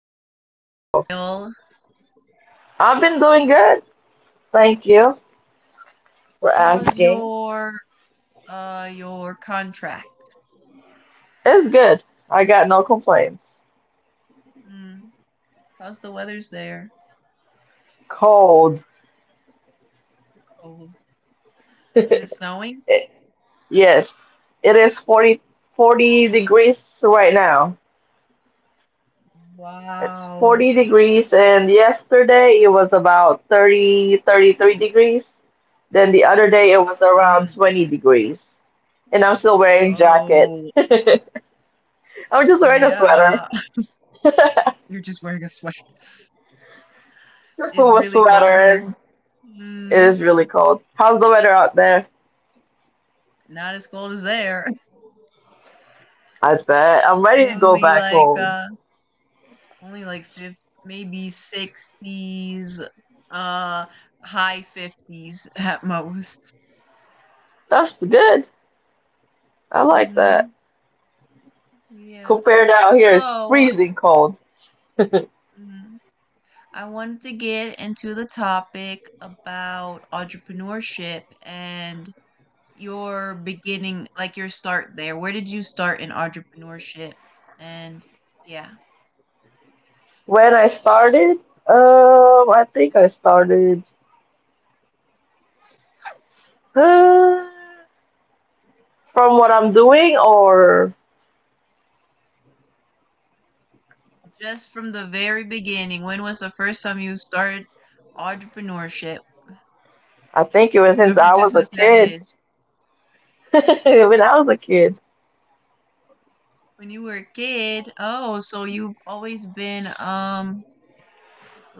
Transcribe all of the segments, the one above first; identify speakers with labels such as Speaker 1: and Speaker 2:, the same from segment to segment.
Speaker 1: been? It's been a while.
Speaker 2: I've been doing good. Thank you for
Speaker 1: How's
Speaker 2: asking.
Speaker 1: your contract?
Speaker 2: It's good. I got no complaints.
Speaker 1: Hmm. How's the weather's there?
Speaker 2: Cold.
Speaker 1: Cold. Is it snowing?
Speaker 2: Yes, it is forty degrees right now.
Speaker 1: Wow.
Speaker 2: It's 40 degrees, and yesterday it was about thirty three degrees. Then the other day it
Speaker 1: Mm.
Speaker 2: was around 20 degrees. And I'm still wearing
Speaker 1: Oh,
Speaker 2: jacket. I'm just wearing a
Speaker 1: yeah.
Speaker 2: sweater.
Speaker 1: You're just wearing a sweat.
Speaker 2: It's just
Speaker 1: It's
Speaker 2: a
Speaker 1: really cold here.
Speaker 2: sweater. It
Speaker 1: Mm.
Speaker 2: is really cold. How's the weather out there?
Speaker 1: Not as cold as there.
Speaker 2: I bet. I'm ready to go
Speaker 1: Only
Speaker 2: back
Speaker 1: like
Speaker 2: home.
Speaker 1: only like fifth, maybe 60s, uh, high 50s at most.
Speaker 2: That's good. I like that.
Speaker 1: Hmm. Yeah.
Speaker 2: Compared to out here, it's
Speaker 1: So,
Speaker 2: freezing cold.
Speaker 1: mhm, I wanted to get into the topic about entrepreneurship and your beginning, like your start there. Where did you start in entrepreneurship? And yeah,
Speaker 2: When I started, I think I started uh, from what I'm doing, or
Speaker 1: just from the very beginning, when was the first time you started entrepreneurship,
Speaker 2: I think it was since
Speaker 1: whichever
Speaker 2: I was
Speaker 1: business
Speaker 2: a
Speaker 1: that
Speaker 2: kid.
Speaker 1: is?
Speaker 2: When I was a kid,
Speaker 1: When you were a kid, oh, so you've always been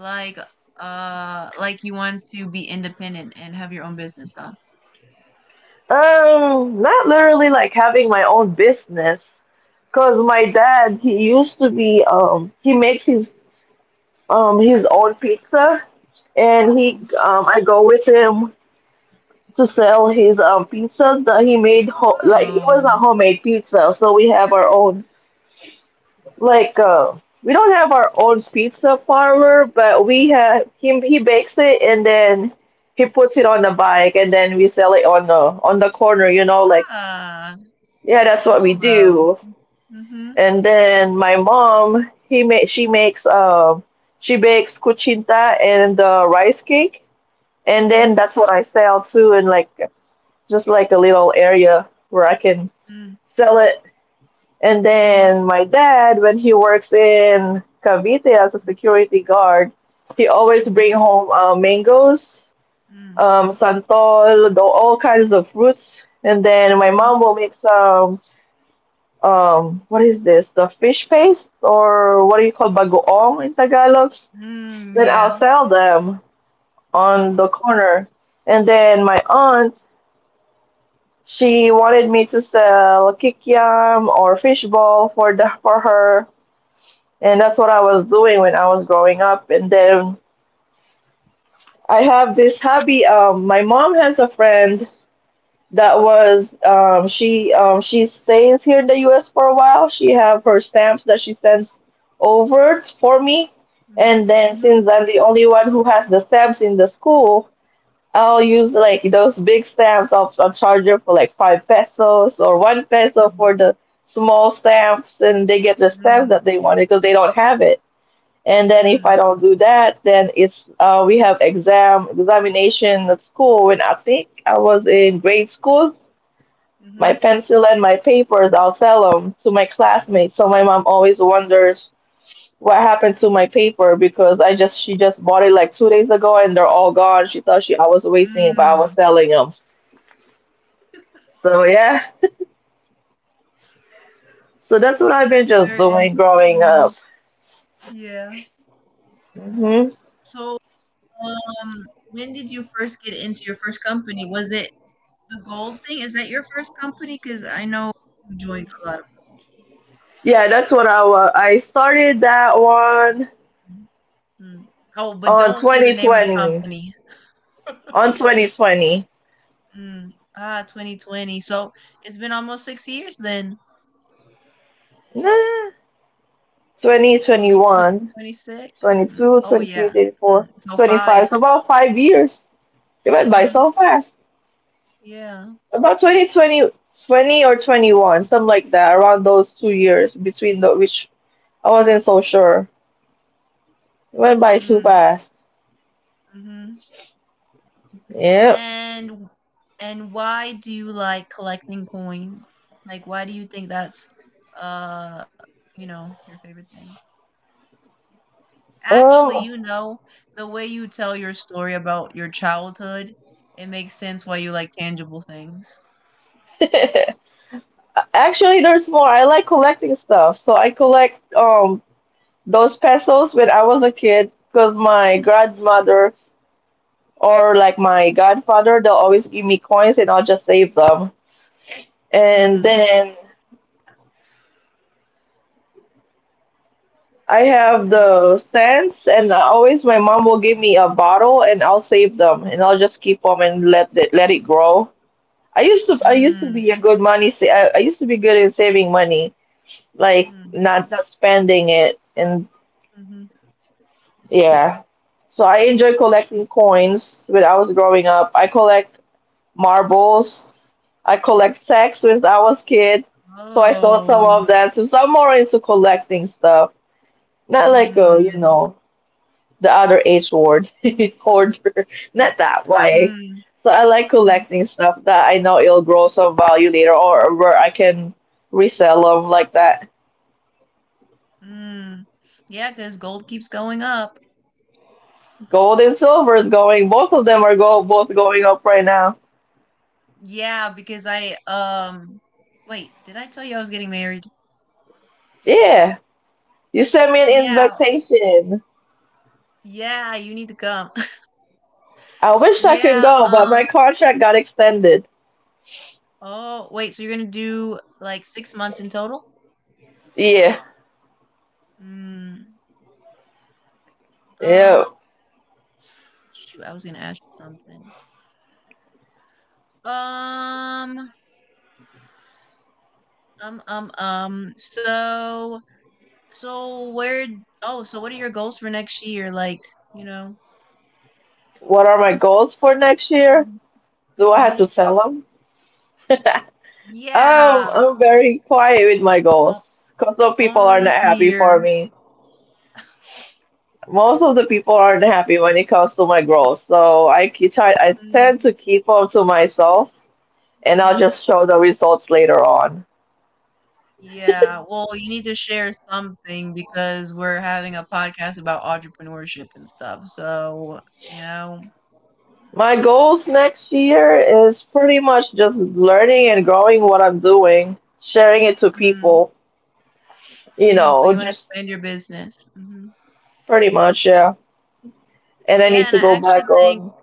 Speaker 1: like like you want to be independent and have your own business, huh?
Speaker 2: not literally like having my own business, because my dad, he used to be, he makes his own pizza, and he
Speaker 1: Mhm.
Speaker 2: I go with him to sell his pizza that he made, like it was a
Speaker 1: Oh,
Speaker 2: homemade pizza, so we have our own, like, we don't have our own pizza parlor, but we have him, he bakes it, and then he puts it on the bike, and then we sell it on the corner, you know, like,
Speaker 1: ah,
Speaker 2: yeah, that's
Speaker 1: that's
Speaker 2: what we
Speaker 1: cool though.
Speaker 2: do.
Speaker 1: Mm-hmm.
Speaker 2: And then my mom, he made she bakes cuchinta and rice cake, and then
Speaker 1: Mm-hmm.
Speaker 2: that's what I sell too, in like, just like a little area where I can
Speaker 1: Mm-hmm.
Speaker 2: sell it. And
Speaker 1: Mm-hmm.
Speaker 2: then my dad, when he works in Cavite as a security guard, he always bring
Speaker 1: Mm-hmm.
Speaker 2: home mangoes, santol, all kinds of fruits. And then my
Speaker 1: Mm-hmm.
Speaker 2: mom
Speaker 1: Mm,
Speaker 2: will make some, what is this? The fish paste, or what do you call bagoong in Tagalog? Then
Speaker 1: mm,
Speaker 2: I'll
Speaker 1: yeah.
Speaker 2: sell them on
Speaker 1: Mm-hmm.
Speaker 2: the corner. And then my aunt, she wanted me to sell kikiam or fishball for the for her, and that's what I was doing when I was growing up. And then I have this hobby. My mom has a friend that was she stays here in the U.S. for a while. She have her stamps that she sends over for me,
Speaker 1: Mm-hmm.
Speaker 2: and then
Speaker 1: Mm,
Speaker 2: since I'm the only one who has the stamps in the school, I'll use like those big stamps. I'll charge them for like 5 pesos or 1 peso for the small stamps, and they get the stamps that they wanted because they don't have it. And then if I
Speaker 1: mm,
Speaker 2: don't do that, then it's we have examination at school. When I think I was in grade school, my
Speaker 1: mm-hmm.
Speaker 2: pencil and my papers, I'll sell them to my classmates. So my mom always wonders what happened to my paper, because I just she just bought it like 2 days ago and they're all gone. She thought she I was wasting it, but I was
Speaker 1: Mm.
Speaker 2: selling them. So yeah, so that's what I've
Speaker 1: That's
Speaker 2: been just
Speaker 1: very interesting.
Speaker 2: doing growing
Speaker 1: Mm,
Speaker 2: up.
Speaker 1: yeah.
Speaker 2: Hmm.
Speaker 1: So um, when did you first get into your first company? Was it the gold thing? Is that your first company? Because I know you joined a lot of
Speaker 2: Yeah, that's what I started that one
Speaker 1: companies. Mm. Oh, but don't say the
Speaker 2: on
Speaker 1: name of the
Speaker 2: 2020
Speaker 1: company.
Speaker 2: on 2020.
Speaker 1: Mm. Ah, 2020. So it's been almost 6 years then.
Speaker 2: Nah,
Speaker 1: I'll be tw
Speaker 2: 2021,
Speaker 1: 26. Mm.
Speaker 2: 22,
Speaker 1: Oh,
Speaker 2: 23,
Speaker 1: yeah.
Speaker 2: 24,
Speaker 1: Mm. So
Speaker 2: 25.
Speaker 1: five.
Speaker 2: So about 5 years. It went by
Speaker 1: Mm-hmm.
Speaker 2: so fast.
Speaker 1: Yeah.
Speaker 2: About twenty twenty or 21, something like that, around those 2 years between the, which I wasn't so sure. It went by too
Speaker 1: Mm.
Speaker 2: fast.
Speaker 1: Mm-hmm.
Speaker 2: Yep.
Speaker 1: And and why do you like collecting coins? Like, why do you think that's uh, you know, your favorite thing? Actually,
Speaker 2: Um,
Speaker 1: you know, the way you tell your story about your childhood, it makes sense why you like tangible things.
Speaker 2: Actually, there's more. I like collecting stuff, so I collect those pesos when I was a kid because my grandmother, or like my godfather, they'll always give me coins and I'll just save them. And
Speaker 1: Mm.
Speaker 2: then I
Speaker 1: And
Speaker 2: have
Speaker 1: then-
Speaker 2: the scents, and always my mom will give me a bottle, and I'll save them, and I'll just keep them and let it grow. I used to
Speaker 1: Mm.
Speaker 2: be a good money. I used to be good at saving money, like
Speaker 1: Mm.
Speaker 2: not spending it, and
Speaker 1: Mm-hmm.
Speaker 2: yeah. So I enjoy collecting coins when I was growing up. I collect marbles. I collect texts when I was kid. So I sold some
Speaker 1: Oh.
Speaker 2: of them. So I'm more into collecting stuff. Not like a, you
Speaker 1: Mm.
Speaker 2: know. the other H word, hoarder. Not
Speaker 1: Mm.
Speaker 2: that way.
Speaker 1: Mm.
Speaker 2: So I like
Speaker 1: Mm.
Speaker 2: collecting stuff that I know it'll grow some value later, or where I can resell them like that.
Speaker 1: Mm. Yeah, because gold keeps going up.
Speaker 2: Gold and silver is going. Both of them are go both going up right now.
Speaker 1: Yeah, because I wait, did I tell you I was getting married?
Speaker 2: Yeah. You sent me an
Speaker 1: Yeah,
Speaker 2: invitation.
Speaker 1: yeah, you need to come.
Speaker 2: I wish I could
Speaker 1: Yeah,
Speaker 2: go, but my contract got extended.
Speaker 1: oh, wait, so you're gonna do like 6 months in total?
Speaker 2: Yeah.
Speaker 1: Mm, uh
Speaker 2: Yeah.
Speaker 1: shoot, I was gonna ask you something. Um, so so where oh, so what are your goals for next year? Like, you know.
Speaker 2: What are my goals for next year?
Speaker 1: Hmm.
Speaker 2: Do I have
Speaker 1: Hmm.
Speaker 2: to tell them? Um,
Speaker 1: Yeah,
Speaker 2: I'm very quiet with my
Speaker 1: o-
Speaker 2: goals because some people are
Speaker 1: only
Speaker 2: not happy
Speaker 1: here.
Speaker 2: for me. Most of the people aren't happy when it comes to my goals, so I try. I tend
Speaker 1: Mm-hmm.
Speaker 2: to keep them to myself, and I'll
Speaker 1: Mm-hmm.
Speaker 2: just show the results later on.
Speaker 1: Yeah, well, you need to share something because we're having a podcast about entrepreneurship and stuff. So, you know.
Speaker 2: My goals next year is pretty much just learning and growing what I'm doing, sharing it to people.
Speaker 1: Mm,
Speaker 2: You
Speaker 1: mm, so
Speaker 2: know,
Speaker 1: you want to
Speaker 2: just
Speaker 1: expand your business. Hmm.
Speaker 2: pretty much, yeah. And I need
Speaker 1: Yeah, and
Speaker 2: to
Speaker 1: I
Speaker 2: go
Speaker 1: actually
Speaker 2: back
Speaker 1: think,
Speaker 2: on.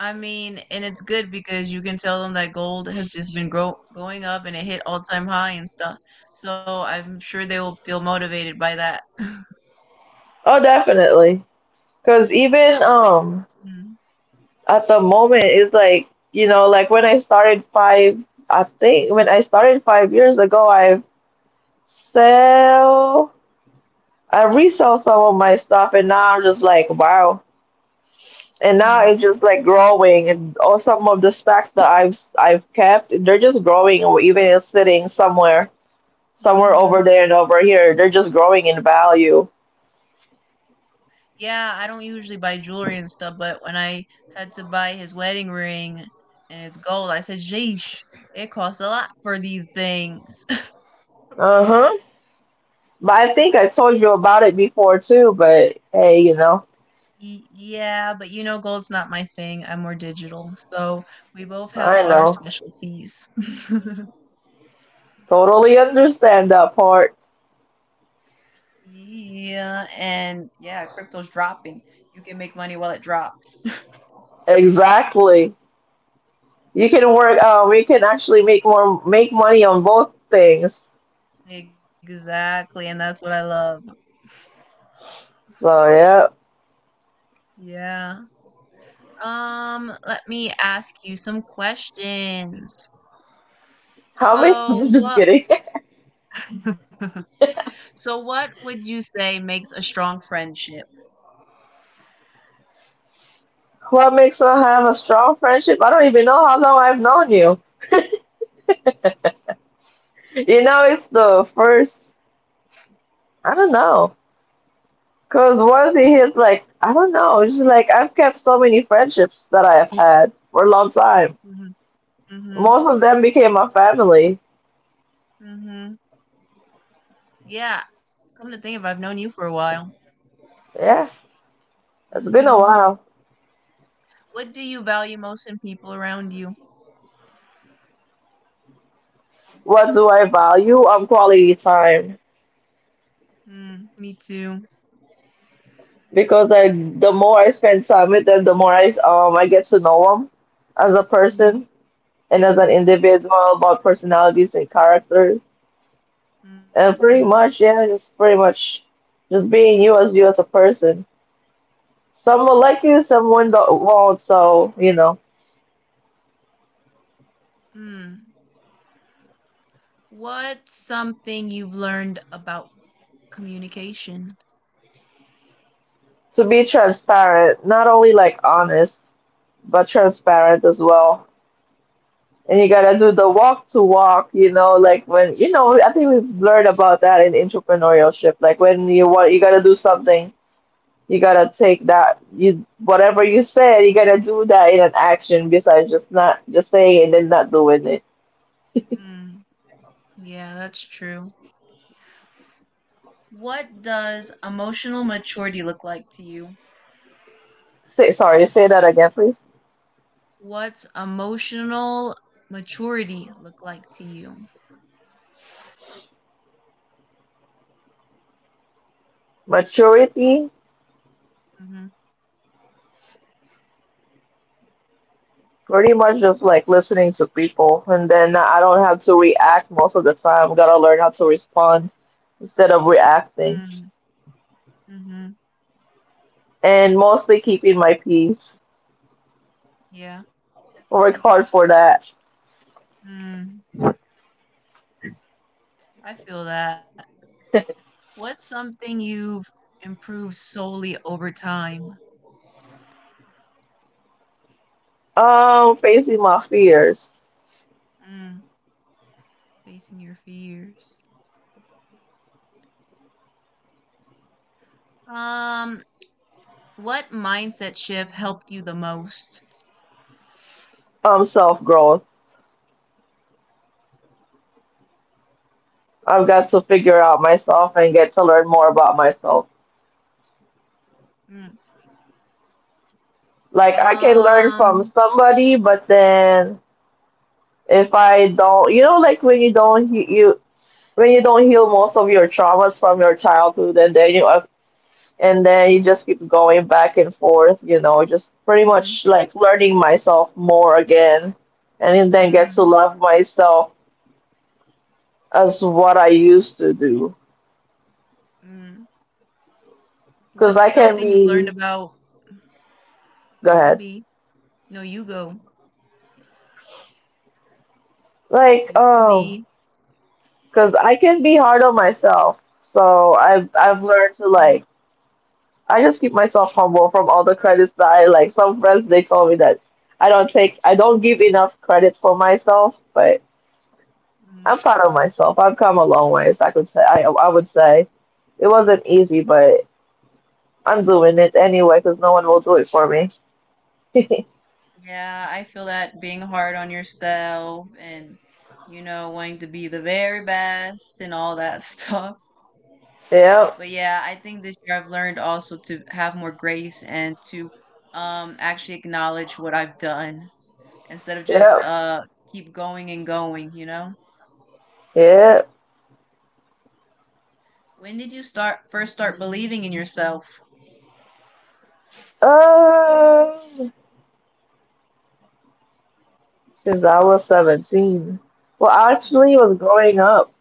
Speaker 1: I mean, and it's good because you can tell them that gold has just been grow going up and it hit all-time high and stuff. So I'm sure they will feel motivated by that.
Speaker 2: Oh, definitely, because even at the moment, it's like, like when I started five, I think when I started 5 years ago, sell I resell some of my stuff, and now I'm just like, wow, and now it's just like growing, and all, some of the stacks that I've kept, they're just growing, or even it's sitting somewhere,
Speaker 1: Mm-hmm.
Speaker 2: over there and over here, they're just growing in value.
Speaker 1: Yeah, I don't usually buy jewelry and stuff, but when I had to buy his wedding ring and it's gold, I said, "Jeesh, it costs a lot for these things."
Speaker 2: Uh-huh. But I think I told you about it before too, but hey,
Speaker 1: Yeah, but you know, gold's not my thing. I'm more digital. So we both have
Speaker 2: I
Speaker 1: our
Speaker 2: know.
Speaker 1: specialties.
Speaker 2: Totally understand that part.
Speaker 1: Yeah, and yeah, crypto's dropping. You can make money while it drops.
Speaker 2: Exactly. You can work, we can actually make more, make money on both things.
Speaker 1: Exactly, and that's what I love.
Speaker 2: So, yeah.
Speaker 1: Yeah. Let me ask you some questions.
Speaker 2: How many?
Speaker 1: So
Speaker 2: I'm just
Speaker 1: what
Speaker 2: kidding.
Speaker 1: so what would you say makes a strong friendship?
Speaker 2: What makes us have a strong friendship? I don't even know how long I've known you. You know, it's the first, I don't know. Because once he hits, like, I don't know. It's just like I've kept so many friendships that I have had for a long time.
Speaker 1: Mhm,
Speaker 2: Most
Speaker 1: mhm,
Speaker 2: of them became my family.
Speaker 1: mhm. Yeah, come to think of it, I've known you for a while.
Speaker 2: Yeah, it's been a
Speaker 1: Mhm.
Speaker 2: while.
Speaker 1: What do you value most in people around you?
Speaker 2: What do I value? Quality time.
Speaker 1: Mm, me too.
Speaker 2: Because like the more I spend time with them, the more I get to know them as a person
Speaker 1: Mhm.
Speaker 2: and as an
Speaker 1: Yeah.
Speaker 2: individual, about personalities and character. And
Speaker 1: Mm.
Speaker 2: pretty much, yeah, just pretty much just being you, as you as a person.
Speaker 1: Mm.
Speaker 2: Some will like you, some
Speaker 1: What's
Speaker 2: won't. So,
Speaker 1: mm. What's something you've learned about communication?
Speaker 2: to be transparent, not only like honest, but transparent as well. And you gotta do the walk to walk, you know, like when I think we've learned about that in entrepreneurship. Like when you want, you gotta do something, you gotta take that you whatever you said, you gotta do that in an action besides just not just saying and then not doing it.
Speaker 1: Mm. Yeah, that's true. What does emotional maturity look like to you?
Speaker 2: Say sorry, say that again, please.
Speaker 1: What's emotional maturity look like to you?
Speaker 2: Maturity,
Speaker 1: Mhm.
Speaker 2: pretty much just like listening to people, and then I don't have to react most of the time. Gotta learn how to respond instead of
Speaker 1: Mm.
Speaker 2: reacting,
Speaker 1: Mhm.
Speaker 2: and mostly keeping my peace,
Speaker 1: Yeah.
Speaker 2: work hard for that.
Speaker 1: Mm. I feel that. What's something you've improved solely over time?
Speaker 2: Facing my fears.
Speaker 1: Mm, facing your fears. Um, what mindset shift helped you the most?
Speaker 2: Self growth. I've got to figure out myself and get to learn more about myself.
Speaker 1: Mm.
Speaker 2: Like, I can learn
Speaker 1: Um,
Speaker 2: from somebody, but then if I don't, like when you don't heal most of your traumas from your childhood, and then you just keep going back and forth, just pretty
Speaker 1: mm,
Speaker 2: much like learning myself more again, and then get to
Speaker 1: mm,
Speaker 2: love myself as what I used to do.
Speaker 1: mm. What's
Speaker 2: Because I
Speaker 1: something you
Speaker 2: can
Speaker 1: learned
Speaker 2: be,
Speaker 1: about you
Speaker 2: go
Speaker 1: can
Speaker 2: ahead.
Speaker 1: be? No, you go.
Speaker 2: Like,
Speaker 1: You can
Speaker 2: oh,
Speaker 1: be.
Speaker 2: because I can be hard on myself. So I've
Speaker 1: Mm,
Speaker 2: I've learned to, like, I just keep myself humble from all the credits that I like. Some friends, they told me that I don't give enough credit for myself, but
Speaker 1: mm.
Speaker 2: I'm proud of myself. I've come a long ways. I could say, I would say it wasn't easy, but I'm doing it anyway because no one will do it for me.
Speaker 1: Yeah, I feel that being hard on yourself and, you know, wanting to be the very best and all that stuff. But yeah, I think
Speaker 2: Yep,
Speaker 1: this year I've learned also to have more grace and to actually acknowledge what I've done instead of just
Speaker 2: yep,
Speaker 1: keep going and going, you know?
Speaker 2: yep.
Speaker 1: When did you start believing in yourself?
Speaker 2: Um, since I was 17. Well, actually, it was growing
Speaker 1: Mm.
Speaker 2: up.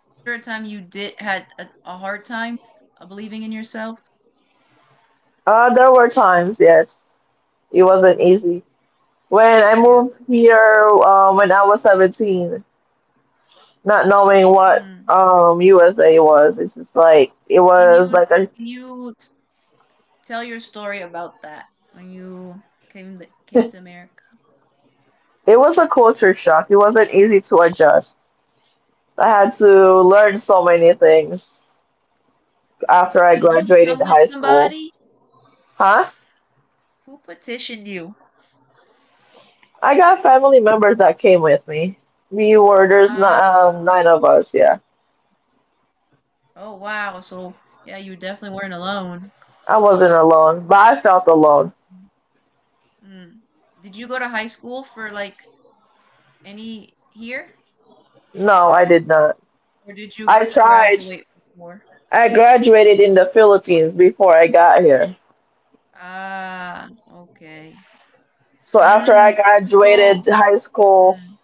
Speaker 1: Was there a time you did had a hard time believing in yourself?
Speaker 2: There were times, yes, it wasn't easy.
Speaker 1: Mm.
Speaker 2: When I moved
Speaker 1: Yeah.
Speaker 2: here, when I was 17, not knowing
Speaker 1: Mm.
Speaker 2: what USA was, it's just like, it
Speaker 1: Can you
Speaker 2: was like
Speaker 1: can you t- Tell your story about that when you came
Speaker 2: a,
Speaker 1: to America?
Speaker 2: it was a culture shock. It wasn't easy to adjust. I had to learn so many things after
Speaker 1: Did
Speaker 2: I
Speaker 1: you come with
Speaker 2: graduated high
Speaker 1: somebody
Speaker 2: school. Huh?
Speaker 1: who petitioned you?
Speaker 2: I got family members that came with me. We were, there's
Speaker 1: Ah,
Speaker 2: not, nine of us. Yeah.
Speaker 1: oh wow. So yeah, you definitely weren't alone.
Speaker 2: I wasn't alone, but I felt alone.
Speaker 1: Mm. Did you go to high school for like any here,
Speaker 2: No, I did not.
Speaker 1: or did you
Speaker 2: I
Speaker 1: graduate
Speaker 2: tried.
Speaker 1: before?
Speaker 2: I graduated in the Philippines before I got here.
Speaker 1: Ah, okay.
Speaker 2: So after I
Speaker 1: Mm. So,
Speaker 2: graduated high school,
Speaker 1: mm,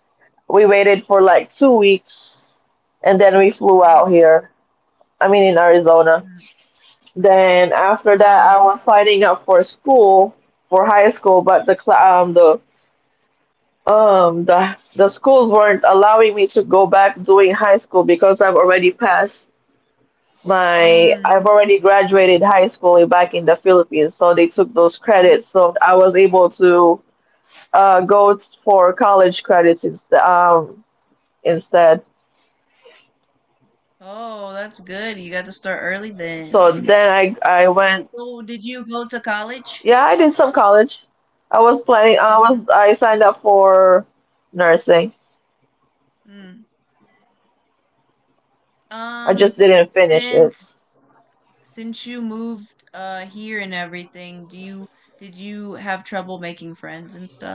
Speaker 2: we waited for like 2 weeks and then we
Speaker 1: mm,
Speaker 2: flew out here. I mean, in
Speaker 1: mm,
Speaker 2: Arizona. Then after
Speaker 1: ah,
Speaker 2: that, I was signing up for school, for high school, but the cla um, the the schools weren't allowing me to go back doing high school because
Speaker 1: mm,
Speaker 2: I've already graduated high school back in the Philippines, so they took those
Speaker 1: mhm.
Speaker 2: credits. So I was able to for college credits instead. Instead,
Speaker 1: Oh, that's good. You got to start early then.
Speaker 2: so then I
Speaker 1: So,
Speaker 2: I
Speaker 1: did
Speaker 2: went.
Speaker 1: you go to college?
Speaker 2: Yeah, I did some college. I was
Speaker 1: Hmm.
Speaker 2: planning. I was I signed up for nursing.
Speaker 1: Mm. Um,
Speaker 2: I just didn't finish
Speaker 1: since
Speaker 2: it.
Speaker 1: since you moved here and everything, do you did you have trouble making friends and stuff?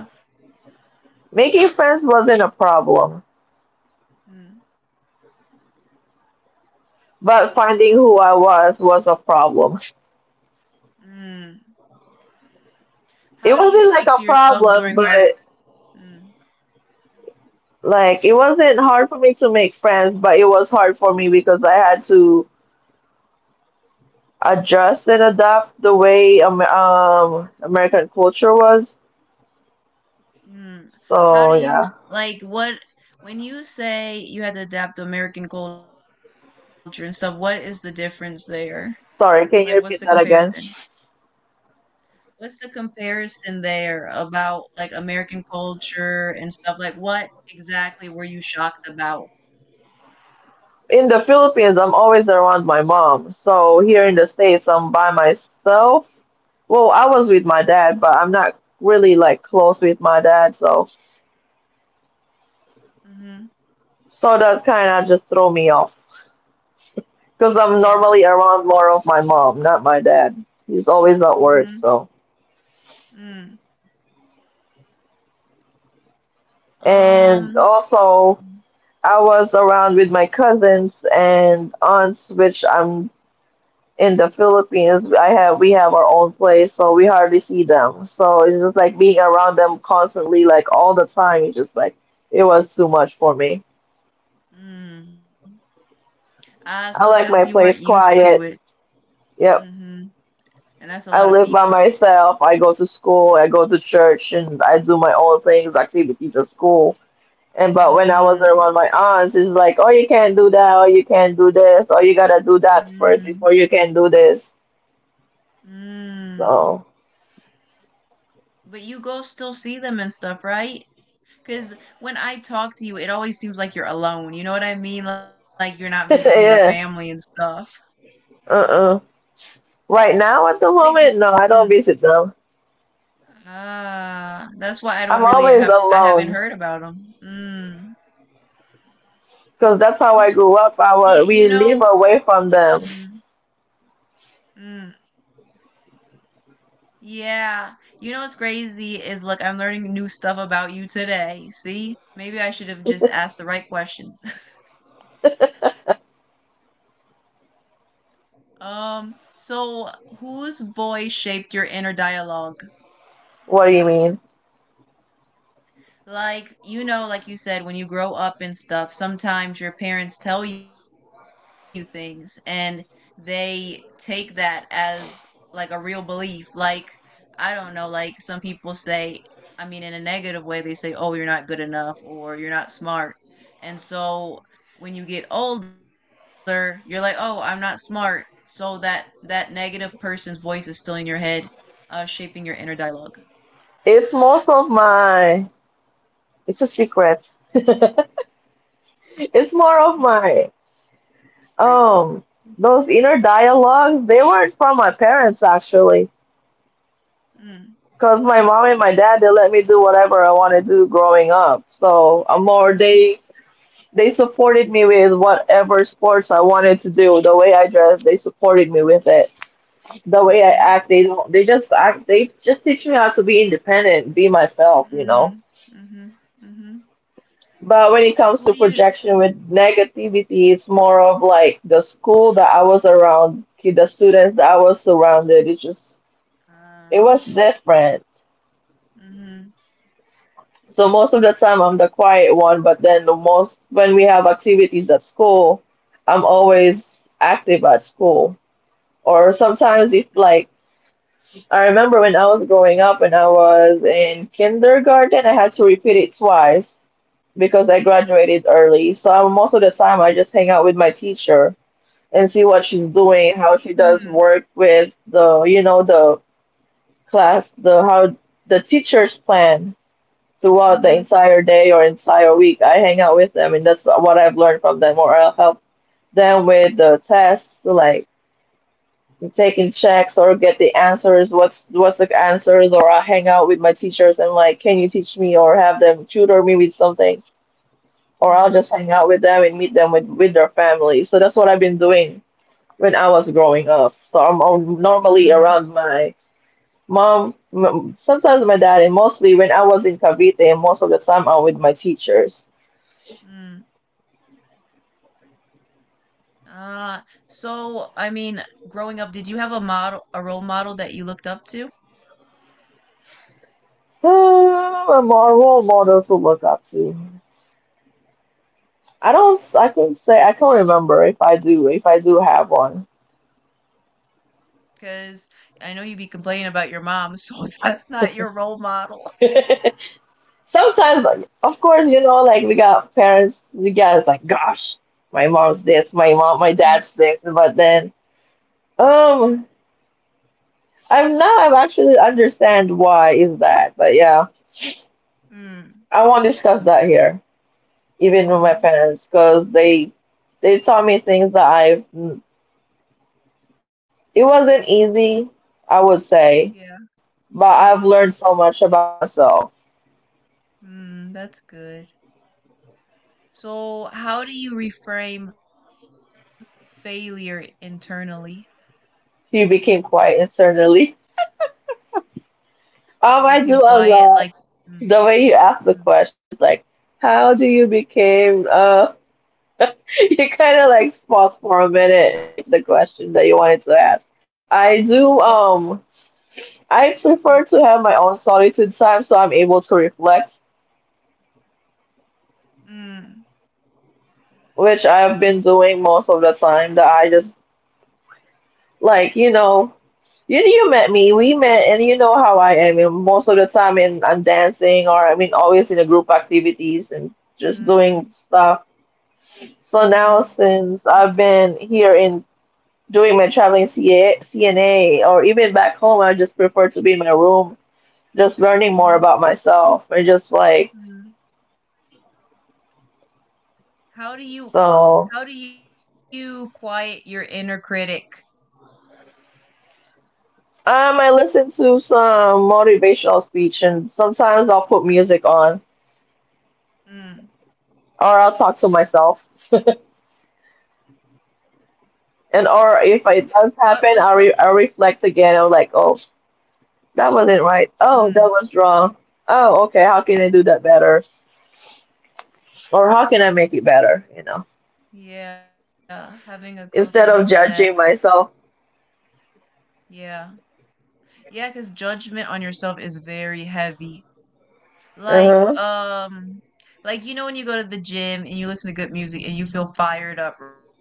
Speaker 2: Making friends wasn't a problem,
Speaker 1: Mm.
Speaker 2: but finding who I was a problem.
Speaker 1: Mm. How
Speaker 2: It
Speaker 1: do you
Speaker 2: wasn't
Speaker 1: speak
Speaker 2: like
Speaker 1: to
Speaker 2: a
Speaker 1: yourself
Speaker 2: problem,
Speaker 1: during
Speaker 2: but
Speaker 1: hard? Mm.
Speaker 2: Like it wasn't hard for me to make friends, but it was hard for me because I had to adjust and adapt the way American culture was.
Speaker 1: Mm. How do
Speaker 2: So
Speaker 1: you s-
Speaker 2: yeah.
Speaker 1: Like what when you say you had to adapt to American culture and stuff? What is the difference there? Like, what's the
Speaker 2: Sorry, can you repeat
Speaker 1: comparison?
Speaker 2: that again?
Speaker 1: What's the comparison there about, like, American culture and stuff? Like, what exactly were you shocked about?
Speaker 2: In the Philippines, I'm always around my mom. So here in the States, I'm by myself. Well, I was with my dad, but I'm not really like close with my dad, so
Speaker 1: Mhm.
Speaker 2: that kind of just throw me off. Because
Speaker 1: Yeah.
Speaker 2: I'm normally around more of my mom, not my dad. He's always at work,
Speaker 1: Mhm.
Speaker 2: so.
Speaker 1: Mm.
Speaker 2: And
Speaker 1: Um,
Speaker 2: also, I was around with my cousins and aunts, which I'm in the Philippines I have we have our own place, so we hardly see them. So it's just like being around them constantly, like all the time. It's just like it was too much for me.
Speaker 1: mm. Ah, so
Speaker 2: I
Speaker 1: because you
Speaker 2: like
Speaker 1: weren't
Speaker 2: my
Speaker 1: used
Speaker 2: place
Speaker 1: to it.
Speaker 2: quiet. Yep.
Speaker 1: Mhm. And that's a lot
Speaker 2: I
Speaker 1: of
Speaker 2: live by
Speaker 1: people.
Speaker 2: myself. I go to school. I go to church, and I do my own things, activities at school. And but when I was
Speaker 1: Mm.
Speaker 2: around my aunts, it's like, oh, you can't do that, or you can't do this, or you gotta do that
Speaker 1: Mm.
Speaker 2: first before you can do this.
Speaker 1: Mm.
Speaker 2: So,
Speaker 1: But you go still see them and stuff, right? Because when I talk to you, it always seems like you're alone, you know what I mean? Like, you're not visiting your family and
Speaker 2: yeah,
Speaker 1: stuff.
Speaker 2: uh-uh. Right now, at
Speaker 1: Wait,
Speaker 2: the
Speaker 1: so
Speaker 2: moment, no, I
Speaker 1: mm.
Speaker 2: don't visit them.
Speaker 1: Ah, that's why I don't
Speaker 2: I'm
Speaker 1: really
Speaker 2: always
Speaker 1: have I haven't
Speaker 2: alone
Speaker 1: heard about them. Mm.
Speaker 2: because that's how I
Speaker 1: See,
Speaker 2: grew
Speaker 1: you
Speaker 2: up. I
Speaker 1: know,
Speaker 2: wa We live away
Speaker 1: mm,
Speaker 2: from them.
Speaker 1: mm, yeah. You know what's crazy is look, I'm learning new stuff about you today. See? Maybe I should have just asked the right questions. Um, so whose voice shaped your inner dialogue?
Speaker 2: What do you mean?
Speaker 1: Like you know like you said when you grow up and stuff sometimes your parents tell you things and they take that as like a real belief. Like I don't know, like some people say, I mean in a negative way, they say oh you're not good enough or you're not smart, and so when you get older you're like oh I'm not smart, so that negative person's voice is still in your head, shaping your inner dialogue.
Speaker 2: It's most of my. It's a secret. It's
Speaker 1: It's a
Speaker 2: more of
Speaker 1: secret.
Speaker 2: my um those inner dialogues. They weren't from my parents actually.
Speaker 1: Mm,
Speaker 2: Because my mom and my dad, they let me do whatever I wanted to do growing up. So I'm more,
Speaker 1: mm-hmm,
Speaker 2: they supported me with whatever sports I wanted to do. The way I dress, they supported me with it. The way
Speaker 1: mm.
Speaker 2: I act, they don't, they just act, they just teach me how to be independent, be myself, you know.
Speaker 1: Mm, mhm, mhm.
Speaker 2: But when it comes
Speaker 1: What
Speaker 2: to
Speaker 1: do you
Speaker 2: projection
Speaker 1: Mhm.
Speaker 2: with negativity, it's more of like the school that I was around, the students that I was surrounded. It just,
Speaker 1: Ah,
Speaker 2: it was different.
Speaker 1: mhm.
Speaker 2: So most of the time I'm the quiet one, but then the most when we have activities at school, I'm always active at school. Or sometimes if like I remember when I was growing up when I was in kindergarten, I had to repeat it twice because I graduated early. So I most of the time I just hang out with my teacher and see what she's
Speaker 1: Mm,
Speaker 2: doing, how she does work with the, you know, the class, the teacher's plan throughout
Speaker 1: mhm,
Speaker 2: the entire day or entire week. I hang out with them, and that's what I've learned from them, or I'll help them with the tests, like taking checks or get the answers. What's the answers? Or I'll hang out with my teachers and like, can you teach me? Or have them tutor me with something, or I'll
Speaker 1: mm,
Speaker 2: just hang out with them and meet them with their families. So that's what I've been doing when I was growing up. So I'm normally
Speaker 1: mm,
Speaker 2: around my mom, sometimes my dad, and mostly when I was in Cavite, most of the time I'm with my teachers.
Speaker 1: mm. Ah, so I mean, growing up, did you have a model, a role model that you looked up to?
Speaker 2: Um, a more role model to look up to. I don't. I can say I can remember if I do. If I do have one.
Speaker 1: Because I know you be complaining about your mom, so that's not your role model.
Speaker 2: Sometimes, like, of course, you know, like we got parents. We got It's like, gosh, my
Speaker 1: Mm,
Speaker 2: mom, my dad's this. But then, um, I am actually understand why is that. But yeah,
Speaker 1: mm,
Speaker 2: I won't discuss that here, even with my
Speaker 1: mm.
Speaker 2: parents, because they taught me things that I. It wasn't easy, I would say,
Speaker 1: Yeah.
Speaker 2: but
Speaker 1: Mm-hmm.
Speaker 2: I've learned so much about myself.
Speaker 1: Mm, that's good. So, how do you reframe failure internally?
Speaker 2: He became quiet internally.
Speaker 1: It became
Speaker 2: I do
Speaker 1: quiet,
Speaker 2: a
Speaker 1: like
Speaker 2: lot.
Speaker 1: mm,
Speaker 2: The way you ask
Speaker 1: mm,
Speaker 2: the question is like, how do you became you kind of like pause for a minute, like the question that you wanted to ask. I
Speaker 1: oh,
Speaker 2: do I
Speaker 1: mm,
Speaker 2: prefer to have my own solitude time so I'm able to reflect,
Speaker 1: mm,
Speaker 2: which I've been doing most of the time that I just Like, you know, you met me, we met, and you know how I am. And most of the time, in I'm dancing, or I mean, always in the group activities and just doing
Speaker 1: mm,
Speaker 2: stuff. So now,
Speaker 1: mhm,
Speaker 2: since I've been here in doing my traveling CNA, or even back home, I just prefer to be in my room, just learning
Speaker 1: mhm,
Speaker 2: more about myself and just like
Speaker 1: mhm. How do you
Speaker 2: so.
Speaker 1: how do you quiet your inner critic?
Speaker 2: I listen to some motivational speech, and sometimes I'll put music on,
Speaker 1: Mm.
Speaker 2: or I'll talk to myself. And or
Speaker 1: What
Speaker 2: if
Speaker 1: was the
Speaker 2: it does happen, I'll reflect again. I'm like, oh, that wasn't right.
Speaker 1: mm,
Speaker 2: Oh, that was wrong. Oh, okay. How can I
Speaker 1: mm.
Speaker 2: do that better? Or how can I make it better? You know,
Speaker 1: Yeah, having a growth mindset.
Speaker 2: instead of judging myself.
Speaker 1: Yeah. Yeah, because judgment on yourself is very heavy. Like,
Speaker 2: Uh huh.
Speaker 1: um, like you know when you go to the gym and you listen to good music and you feel fired up, right?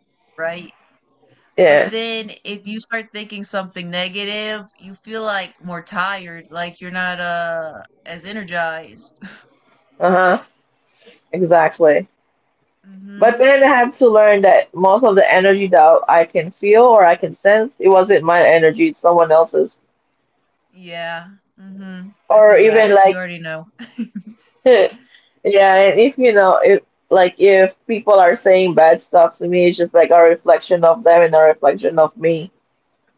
Speaker 1: But then
Speaker 2: Yeah.
Speaker 1: if you start thinking something negative, you feel like more tired, like you're not as energized.
Speaker 2: Uh huh. Exactly. But
Speaker 1: Mhm.
Speaker 2: then I have to learn that most of the energy that I can feel or I can sense, it wasn't my energy, it's someone else's.
Speaker 1: Yeah. Mhm. I
Speaker 2: Or
Speaker 1: feel
Speaker 2: even
Speaker 1: that. You
Speaker 2: like
Speaker 1: already know.
Speaker 2: yeah, and if you know, if like if people are saying bad stuff to me, it's just like a reflection of them and a reflection of me.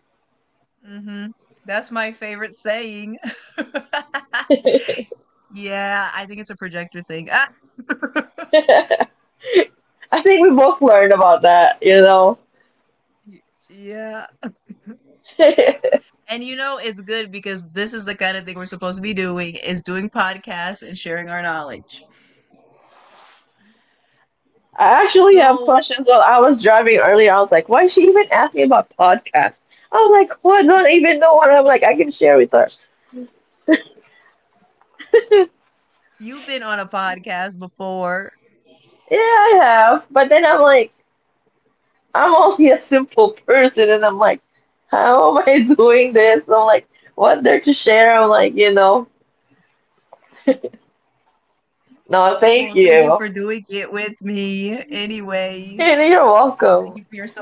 Speaker 1: Mhm. That's my favorite saying.
Speaker 2: I
Speaker 1: Yeah, I think it's a projector thing. Ah.
Speaker 2: think we both learned about that, you know.
Speaker 1: Y- yeah.
Speaker 2: I
Speaker 1: And you know it's good because this is the kind of thing we're supposed to be doing is doing podcasts and sharing our knowledge.
Speaker 2: actually have
Speaker 1: So
Speaker 2: questions while I was driving earlier. I was like, why did she even ask me about podcasts? I was like, what? I don't even know what I'm like. I can share with her.
Speaker 1: You've been on a podcast before.
Speaker 2: Yeah, I have. But then I'm like, I'm only a simple person, and I'm like, how am I doing this? I'm like, what there to share? I'm like, you know,
Speaker 1: Well, thank you
Speaker 2: no,
Speaker 1: for
Speaker 2: thank
Speaker 1: doing it
Speaker 2: you.
Speaker 1: with me, anyways.
Speaker 2: And you're
Speaker 1: Thank you for your
Speaker 2: welcome.
Speaker 1: support.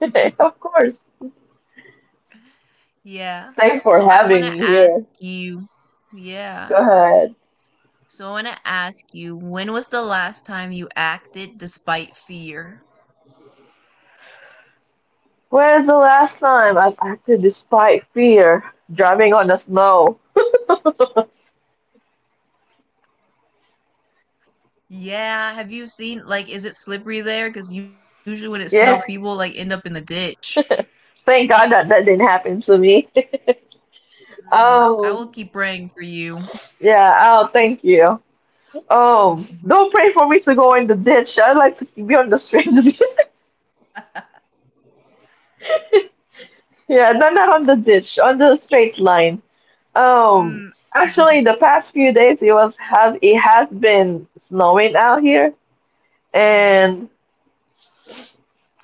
Speaker 2: Of course.
Speaker 1: Yeah. So
Speaker 2: Thanks
Speaker 1: I
Speaker 2: for
Speaker 1: want to
Speaker 2: having me
Speaker 1: ask
Speaker 2: here.
Speaker 1: you, yeah.
Speaker 2: Go ahead.
Speaker 1: So I want to ask you, when was the last time you acted despite fear?
Speaker 2: Where's the last time I've acted despite fear? Driving on the snow.
Speaker 1: Yeah. Have you seen, like, is it slippery there? Because usually when it snow, people, like, end up in the
Speaker 2: Yeah,
Speaker 1: ditch.
Speaker 2: thank God that that didn't happen to me.
Speaker 1: Mm, I will keep praying for
Speaker 2: Um,
Speaker 1: you.
Speaker 2: yeah, oh, thank you. Don't pray for me to go in the ditch. I like to be on the street. Yeah, no, not on the ditch, on the straight line. Um,
Speaker 1: mm.
Speaker 2: Actually, the past few days it was has it has been snowing out here,
Speaker 1: Mhm.
Speaker 2: and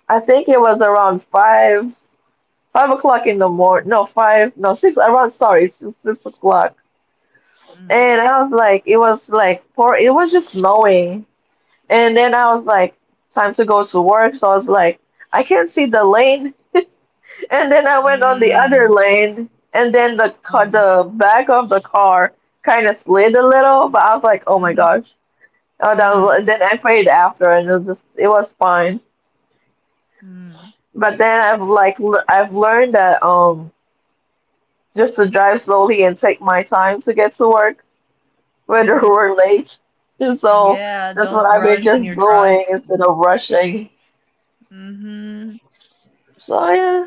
Speaker 2: I think it was around five o'clock in the morning. No, five, no six. Around sorry, six o'clock.
Speaker 1: Mhm.
Speaker 2: And I was like, it was like poor. It was just snowing, and then I was like, time to go to work. So I was like, I can't see the lane. And then I went on the
Speaker 1: Mm.
Speaker 2: other lane, and then
Speaker 1: Oh, m
Speaker 2: the back of the car kind of slid a little, but I was like, oh my
Speaker 1: mhm,
Speaker 2: gosh. Oh, that was, and
Speaker 1: mm,
Speaker 2: then I prayed after, and it was just, it was fine.
Speaker 1: mm,
Speaker 2: But then I've learned that just to drive slowly and take my time to get to work, whether
Speaker 1: mhm.
Speaker 2: we're late. And so
Speaker 1: Yeah,
Speaker 2: that's what
Speaker 1: don't
Speaker 2: I've been
Speaker 1: rush when
Speaker 2: just
Speaker 1: you're dri
Speaker 2: doing instead
Speaker 1: y
Speaker 2: of rushing.
Speaker 1: mhm.
Speaker 2: So yeah.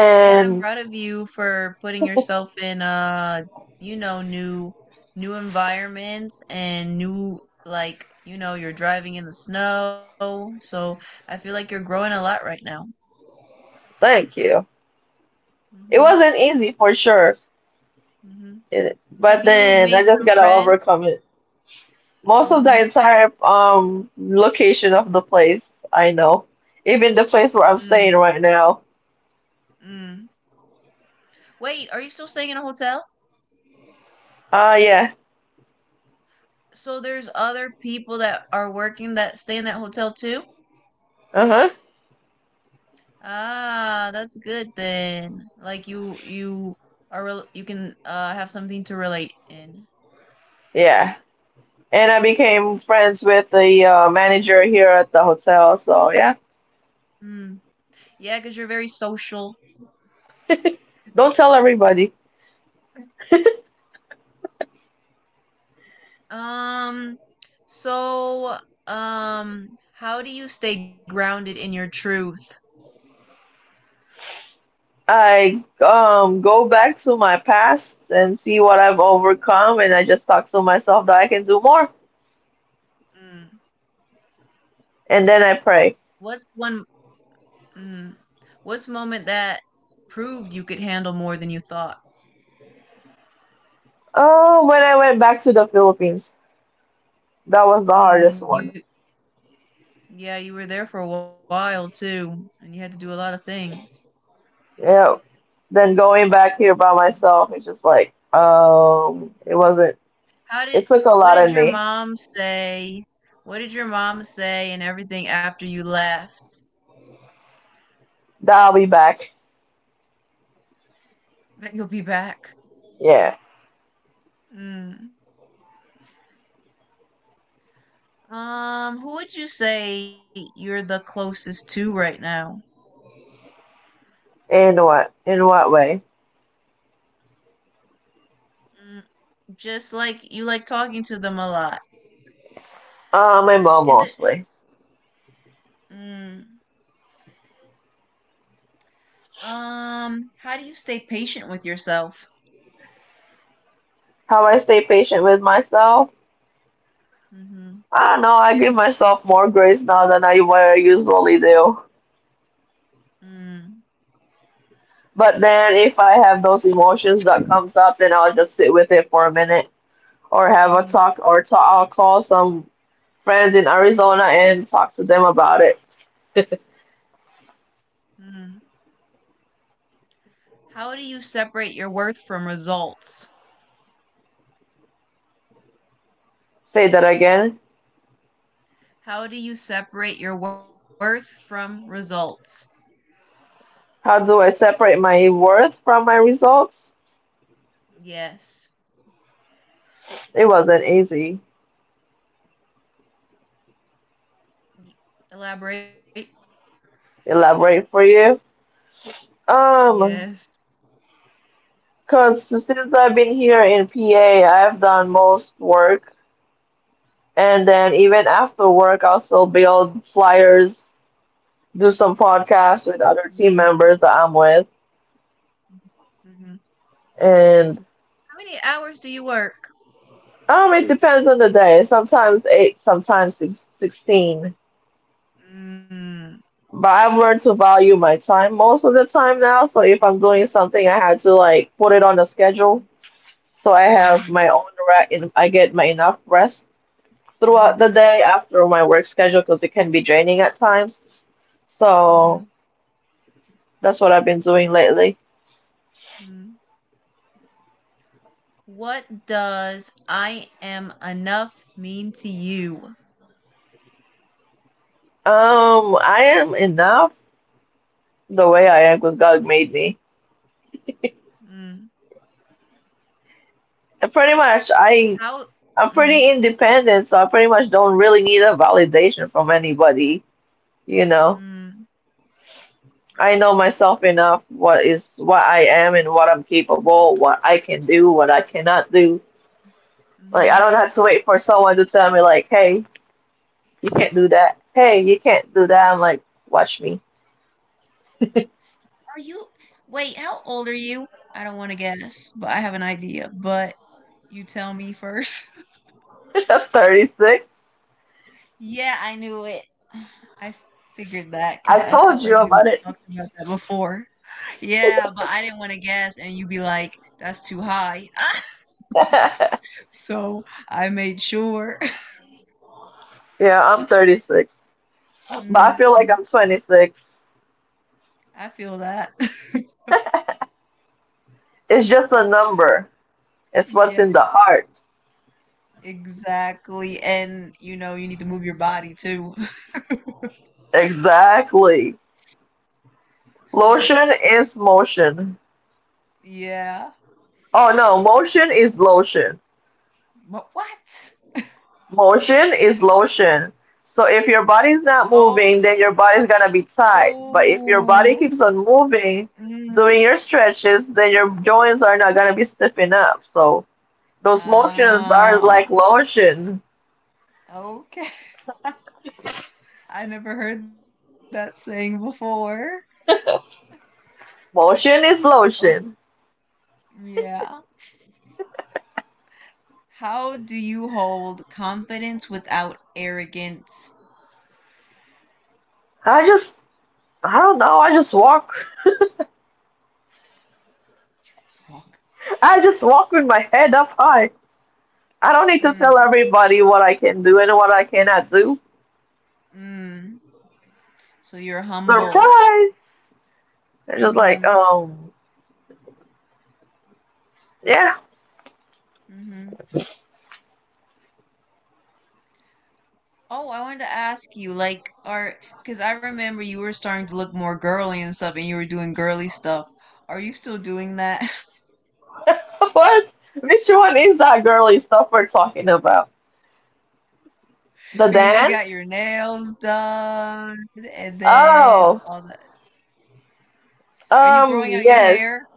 Speaker 1: Yeah, I'm proud of you for putting yourself in, you know, new environments and new like, you know, you're driving in the snow, so I feel like you're growing a lot right now.
Speaker 2: thank you. It
Speaker 1: Mhm,
Speaker 2: wasn't easy for sure,
Speaker 1: mhm.
Speaker 2: but
Speaker 1: Have you
Speaker 2: then I
Speaker 1: made
Speaker 2: just
Speaker 1: some
Speaker 2: gotta overcome
Speaker 1: friends?
Speaker 2: it. Most of the
Speaker 1: Mhm,
Speaker 2: entire location of the place, I know. Even the place where I'm
Speaker 1: mm,
Speaker 2: staying right now.
Speaker 1: mm. Wait, are you still staying in a hotel?
Speaker 2: Yeah.
Speaker 1: So there's other people that are working that stay in that hotel too?
Speaker 2: Uh-huh.
Speaker 1: Ah, that's good then. Like you are rel you can have something to relate in.
Speaker 2: Yeah. And I became friends with the manager here at the hotel, so yeah.
Speaker 1: Hmm. Because 'cause you're very social.
Speaker 2: Don't tell everybody.
Speaker 1: Um, so um how do you stay grounded in your truth?
Speaker 2: I go back to my past and see what I've overcome, and I just talk to myself that I can do more,
Speaker 1: Mm.
Speaker 2: and then I
Speaker 1: What's
Speaker 2: pray.
Speaker 1: one mm, what's moment that proved you could handle more than you thought?
Speaker 2: Oh, when I went back to the Philippines, that was the
Speaker 1: Mm,
Speaker 2: hardest
Speaker 1: you
Speaker 2: one.
Speaker 1: Yeah, you were there for a while too, and you had to do a lot of things.
Speaker 2: Yeah, then going back here
Speaker 1: Mm,
Speaker 2: by myself, it's just like,
Speaker 1: mm.
Speaker 2: it wasn't.
Speaker 1: How did,
Speaker 2: It
Speaker 1: what
Speaker 2: took a
Speaker 1: did your
Speaker 2: lot in me.
Speaker 1: mom say? What did your mom say and everything after you left?
Speaker 2: That I'll be back.
Speaker 1: That you'll be back.
Speaker 2: Yeah.
Speaker 1: Mm. Who would you say you're the closest to right now?
Speaker 2: In what? In what way?
Speaker 1: Mm, just like you like talking to them a lot.
Speaker 2: My mom
Speaker 1: Is
Speaker 2: mostly.
Speaker 1: it? Mm. How do you stay patient with yourself?
Speaker 2: How I stay patient with myself?
Speaker 1: Mm-hmm.
Speaker 2: I don't know. I give myself more grace now than I what I usually do.
Speaker 1: Mm-hmm.
Speaker 2: But then if I have those emotions that comes up, then I'll just sit with it for a minute,
Speaker 1: Mm-hmm.
Speaker 2: or talk. I'll call some friends in Arizona and talk to them about it.
Speaker 1: Mm. How do you separate your worth from results?
Speaker 2: Say that again.
Speaker 1: How do you separate your worth from results?
Speaker 2: How do I separate my worth from my results?
Speaker 1: Yes.
Speaker 2: It wasn't easy.
Speaker 1: Elaborate.
Speaker 2: Elaborate for you.
Speaker 1: Yes.
Speaker 2: Um, Cause since I've been here in PA, I've done most work, and then even after work, I'll still build flyers, do some
Speaker 1: Mm.
Speaker 2: podcasts with other team members that I'm with,
Speaker 1: Hmm.
Speaker 2: and
Speaker 1: How many hours do you work?
Speaker 2: it depends on the day. Sometimes eight, sometimes six, 16.
Speaker 1: Mm.
Speaker 2: But I've learned to value my time most of the time now. So if I'm doing something, I had to like put it on a schedule. So I have
Speaker 1: Hmm.
Speaker 2: my own rest, and I get my enough rest throughout the
Speaker 1: Hmm.
Speaker 2: day after my work schedule because it can be draining at times.
Speaker 1: Hmm.
Speaker 2: So that's what I've been doing lately.
Speaker 1: Hmm. What does I am enough mean to you?
Speaker 2: I am enough the way I am because God made me.
Speaker 1: Mm.
Speaker 2: And pretty much,
Speaker 1: How?
Speaker 2: I'm
Speaker 1: Mm.
Speaker 2: pretty independent, so I pretty much don't really need a validation from anybody, you know.
Speaker 1: Mm.
Speaker 2: I know myself enough what is what I am and what I'm capable, what I can do, what I cannot do. Like I
Speaker 1: Hmm.
Speaker 2: don't have to wait for someone to tell me like, "Hey, you can't do that. Hey, you can't do that." I'm like, "Watch me."
Speaker 1: Are you? Wait, how old are you? I don't want to guess, but I have an idea. But you tell me first.
Speaker 2: 36.
Speaker 1: Yeah, I knew it. I figured that because I
Speaker 2: I
Speaker 1: felt like
Speaker 2: told
Speaker 1: we
Speaker 2: you about
Speaker 1: talked
Speaker 2: it.
Speaker 1: about that before. Yeah, but I didn't want to guess, and you'd be like, that's too high. So I made sure.
Speaker 2: Yeah, I'm 36. But I
Speaker 1: Mm,
Speaker 2: feel like I'm 26.
Speaker 1: I feel that.
Speaker 2: It's just a number. It's what's
Speaker 1: Yeah,
Speaker 2: in the heart.
Speaker 1: exactly. And you know, you need to move your body too.
Speaker 2: Exactly. Lotion is motion.
Speaker 1: Yeah.
Speaker 2: Oh no, motion is lotion.
Speaker 1: But what?
Speaker 2: Motion is lotion. So if your body's not moving, then your body's gonna be
Speaker 1: Oh.
Speaker 2: tight. But if your body keeps on
Speaker 1: Mm,
Speaker 2: moving, doing your stretches, then your joints are not gonna be stiffened up. So those motions are
Speaker 1: ah,
Speaker 2: like lotion.
Speaker 1: okay. I never heard that saying before.
Speaker 2: Motion is
Speaker 1: Oh,
Speaker 2: lotion.
Speaker 1: yeah. How do you hold confidence without arrogance?
Speaker 2: I just, I don't know. I just walk.
Speaker 1: Let's walk.
Speaker 2: I just walk with my head up high. I don't need to
Speaker 1: Mm,
Speaker 2: tell everybody what I can do and what I cannot do.
Speaker 1: mm. So you're humble.
Speaker 2: Surprise! They're just like,
Speaker 1: Mm-hmm.
Speaker 2: yeah.
Speaker 1: Mm-hmm. Oh, I wanted to ask you, like, are because I remember you were starting to look more girly and stuff, and you were doing girly stuff. Are you still doing that?
Speaker 2: What? Which one is that girly stuff we're talking about? The
Speaker 1: Because you
Speaker 2: dance?
Speaker 1: got your nails done and then
Speaker 2: Oh,
Speaker 1: all that. Are you growing out your
Speaker 2: yes.
Speaker 1: hair?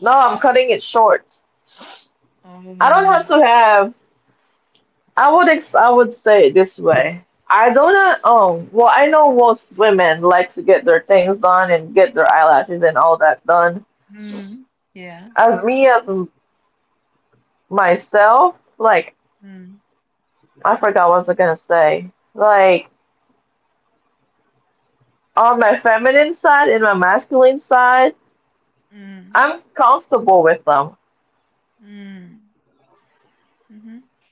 Speaker 2: No, I'm cutting it short. I don't have
Speaker 1: Oh.
Speaker 2: to have. I would ex I would say it this way. I don't. Well, I know most women like to get their things done and get their eyelashes and all that done.
Speaker 1: Mm. Yeah.
Speaker 2: As me as myself, like
Speaker 1: Mm.
Speaker 2: I forgot what I was gonna say. Like on my feminine side and my masculine side.
Speaker 1: Mm.
Speaker 2: I'm comfortable with them.
Speaker 1: Mm. Mm-hmm.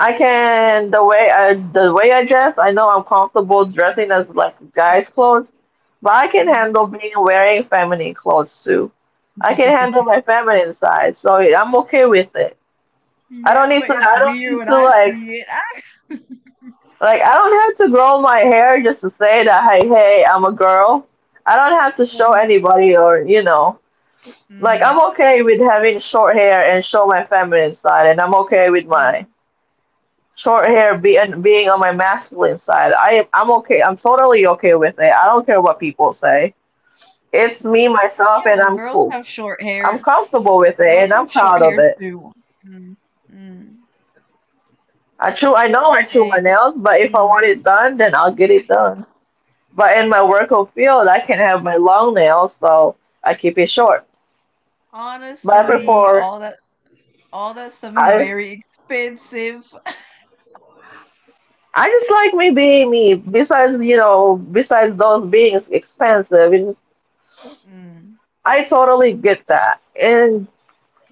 Speaker 2: I can the way I dress. I know I'm comfortable dressing as like
Speaker 1: Mm.
Speaker 2: guys' clothes, but I can
Speaker 1: Mm.
Speaker 2: handle being wearing feminine clothes too. I can handle
Speaker 1: Mm.
Speaker 2: my feminine side, so I'm okay with it.
Speaker 1: Yeah, but it's
Speaker 2: I don't
Speaker 1: weird
Speaker 2: need
Speaker 1: when
Speaker 2: to
Speaker 1: I
Speaker 2: like
Speaker 1: see it. Ah.
Speaker 2: I don't have to grow my hair just to say that hey I'm a girl. I don't have to show
Speaker 1: Well,
Speaker 2: anybody or you know like I'm
Speaker 1: mm,
Speaker 2: okay with having short hair and show my feminine side, and I'm okay with my.
Speaker 1: mm.
Speaker 2: Short hair being on my masculine side. I'm okay. I'm totally okay with it. I don't care what people say. It's
Speaker 1: Yeah,
Speaker 2: me
Speaker 1: well, girls
Speaker 2: myself,
Speaker 1: have
Speaker 2: and I'm
Speaker 1: short
Speaker 2: cool.
Speaker 1: hair.
Speaker 2: I'm
Speaker 1: Girls
Speaker 2: comfortable
Speaker 1: have
Speaker 2: with it,
Speaker 1: short
Speaker 2: and
Speaker 1: hair
Speaker 2: I'm proud
Speaker 1: too.
Speaker 2: of it.
Speaker 1: Mm, mm.
Speaker 2: I know I
Speaker 1: Okay,
Speaker 2: chew
Speaker 1: what?
Speaker 2: my nails, but if I
Speaker 1: Mm.
Speaker 2: want it done, then I'll get it done. But in my work of field, I can have my long nails, so I keep it short. But I
Speaker 1: Honestly,
Speaker 2: prefer
Speaker 1: all that stuff is
Speaker 2: I.
Speaker 1: very expensive.
Speaker 2: I just like me being me. Besides, you know, besides those being expensive, it's just
Speaker 1: Mm,
Speaker 2: I totally get that. And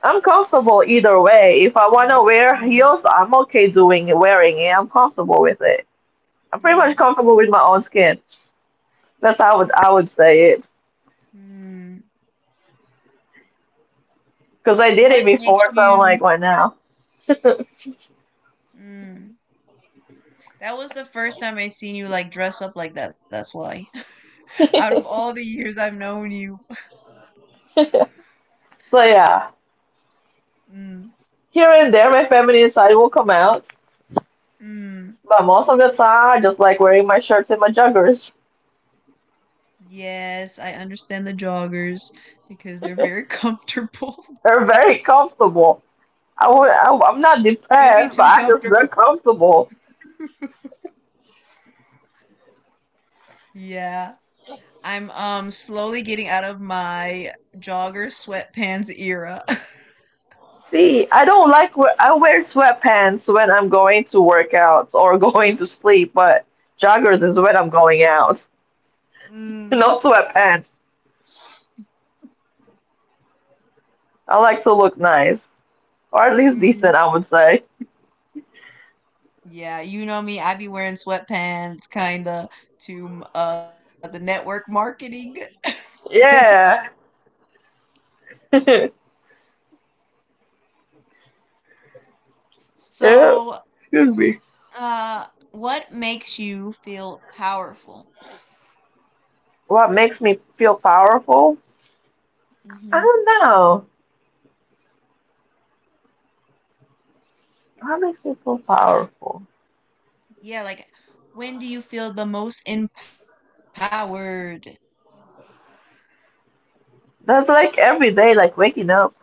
Speaker 2: I'm comfortable either way. If I want to
Speaker 1: mm,
Speaker 2: wear
Speaker 1: mm,
Speaker 2: heels, I'm okay doing wearing it. I'm comfortable with it. I'm pretty much
Speaker 1: mm,
Speaker 2: comfortable with my own skin. That's how I would say it.
Speaker 1: mm.
Speaker 2: Because I did it
Speaker 1: What makes
Speaker 2: before, so I'm like,
Speaker 1: you?
Speaker 2: why now?
Speaker 1: Mm. That was the first time I seen you like dress up like that. That's why. Out of all the years I've known you.
Speaker 2: So yeah,
Speaker 1: Mm,
Speaker 2: here and there, my feminine side will come out,
Speaker 1: mm.
Speaker 2: but most of the time, I just like wearing my shirts and my joggers.
Speaker 1: Yes, I understand the joggers because they're very comfortable.
Speaker 2: They're very comfortable. I, would- I'm not
Speaker 1: Maybe
Speaker 2: depressed, but
Speaker 1: too
Speaker 2: I just they're
Speaker 1: comfortable.
Speaker 2: comfortable.
Speaker 1: Yeah. I'm slowly getting out of my jogger sweatpants era.
Speaker 2: See, I don't like wear, I wear sweatpants when I'm going to work out or going to sleep, but joggers is when I'm going out. No
Speaker 1: Mm,
Speaker 2: sweatpants. I like to look nice, or at least decent,
Speaker 1: mm.
Speaker 2: I would say.
Speaker 1: Yeah, you know me. I be wearing sweatpants, kinda, to the network marketing events.
Speaker 2: Yeah. Yeah.
Speaker 1: So,
Speaker 2: Excuse me.
Speaker 1: uh, what makes you feel powerful?
Speaker 2: What makes me feel powerful? I
Speaker 1: Hmm.
Speaker 2: don't know. What makes me feel powerful?
Speaker 1: Yeah, like when do you feel the most empowered?
Speaker 2: That's like every day, like waking up.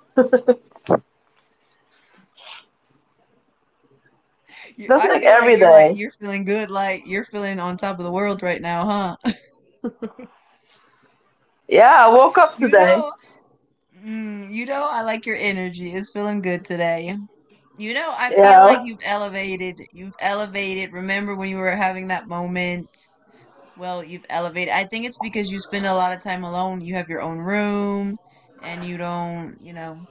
Speaker 1: I
Speaker 2: That's
Speaker 1: feel
Speaker 2: like
Speaker 1: like you're
Speaker 2: every
Speaker 1: like you're
Speaker 2: day.
Speaker 1: feeling good, like you're feeling on top of the world right now, huh?
Speaker 2: Yeah, I woke up
Speaker 1: You know,
Speaker 2: today.
Speaker 1: you know, I like your energy. It's feeling good today. You know, I feel
Speaker 2: Yeah.
Speaker 1: like you've elevated. You've elevated. Remember when you were having that moment? Well, you've elevated. I think it's because you spend a lot of time alone. You have your own room and